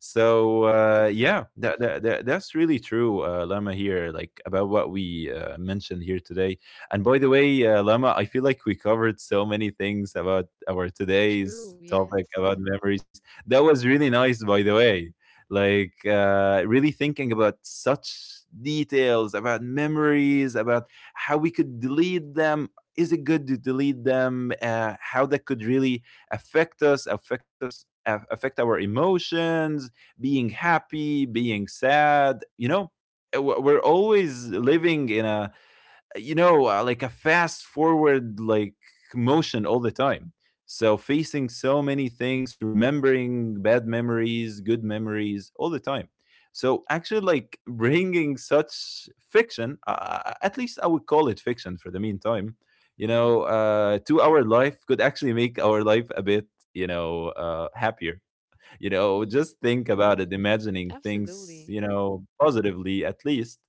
Speaker 1: So
Speaker 2: Hmm.
Speaker 1: yeah that's really true, Lama, here, like, about what we mentioned here today. And by the way, Lama, I feel like we covered so many things about our
Speaker 2: True,
Speaker 1: today's
Speaker 2: yes.
Speaker 1: topic about memories. That was really nice, by the way, like really thinking about such details about memories, about how we could delete them, is it good to delete them, how that could really affect our emotions, being happy, being sad, you know? We're always living in a, you know, like a fast forward, like, motion all the time. So facing so many things, remembering bad memories, good memories all the time. So actually, like, bringing such fiction, at least I would call it fiction for the meantime, you
Speaker 2: Hmm.
Speaker 1: know, to our life, could actually make our life a bit, you know, happier. You know,
Speaker 2: Hmm.
Speaker 1: just think about it, imagining things,
Speaker 2: Absolutely.
Speaker 1: you know, positively, at least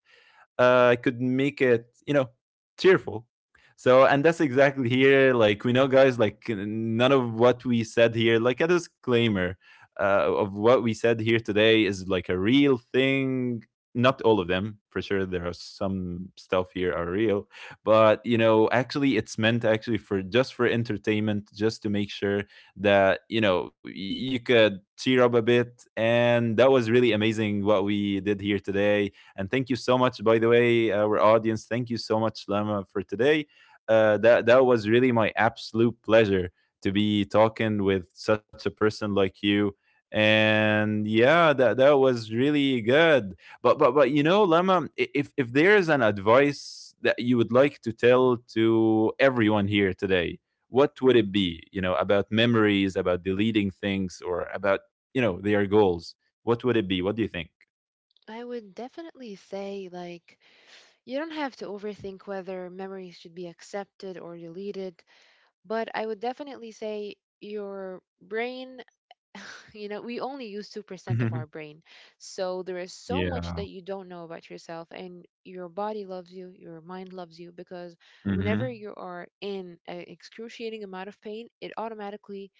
Speaker 1: could make it, you know, cheerful. So, and that's exactly here. Like, we know, guys, like, none of what we said here, like, a disclaimer of what we said here today is like a real thing. Not all of them, for sure. There are some stuff here are real, but you know, actually, it's meant actually for just for entertainment, just to make sure that you know, you could cheer up a bit. And that was really amazing what we did here today. And thank you so much, by the way, our audience. Thank you so much, Lama, for today. That was really my absolute pleasure to be talking with such a person like you. And yeah, that was really good. But you know, Lama, if there is an advice that you would like to tell to everyone here today, what would it be? You know, about memories, about deleting things, or about, you know, their goals. What would it be? What do you think?
Speaker 2: I would definitely say like, you don't have to overthink whether memories should be accepted or deleted, but I would definitely say your brain, *laughs* we only use 2% of our
Speaker 1: *laughs*
Speaker 2: brain. So there is so
Speaker 1: Yeah.
Speaker 2: much that you don't know about yourself, and your body loves you, your mind loves you, because whenever
Speaker 1: Mhm.
Speaker 2: you are in an excruciating amount of pain, it automatically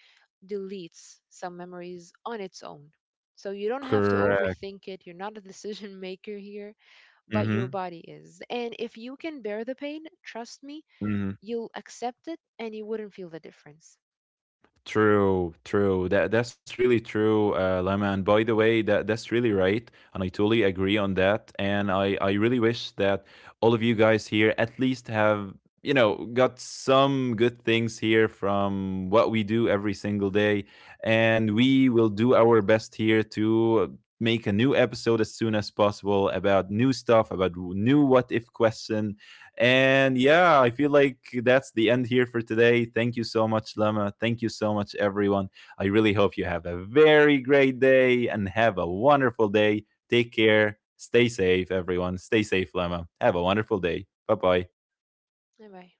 Speaker 2: deletes some memories on its own. So you don't have to
Speaker 1: Correct.
Speaker 2: overthink it. You're not a *laughs* decision maker here, but your
Speaker 1: Mhm.
Speaker 2: body is. And if you can bear the pain, trust me,
Speaker 1: Mhm.
Speaker 2: you'll accept it and you wouldn't feel the difference.
Speaker 1: True, true. That's really true, Lama. And by the way, that that's really right, and I totally agree on that. And I really wish that all of you guys here at least have, you know, got some good things here from what we do every single day, and we will do our best here to make a new episode as soon as possible about new stuff, about new what if question. And yeah, I feel like that's the end here for today. Thank you so much, Lama. Thank you so much, everyone. I really hope you have a very great day and have a wonderful day. Take care. Stay safe, everyone. Stay safe, Lama. Have a wonderful day. Bye bye.
Speaker 2: Bye bye.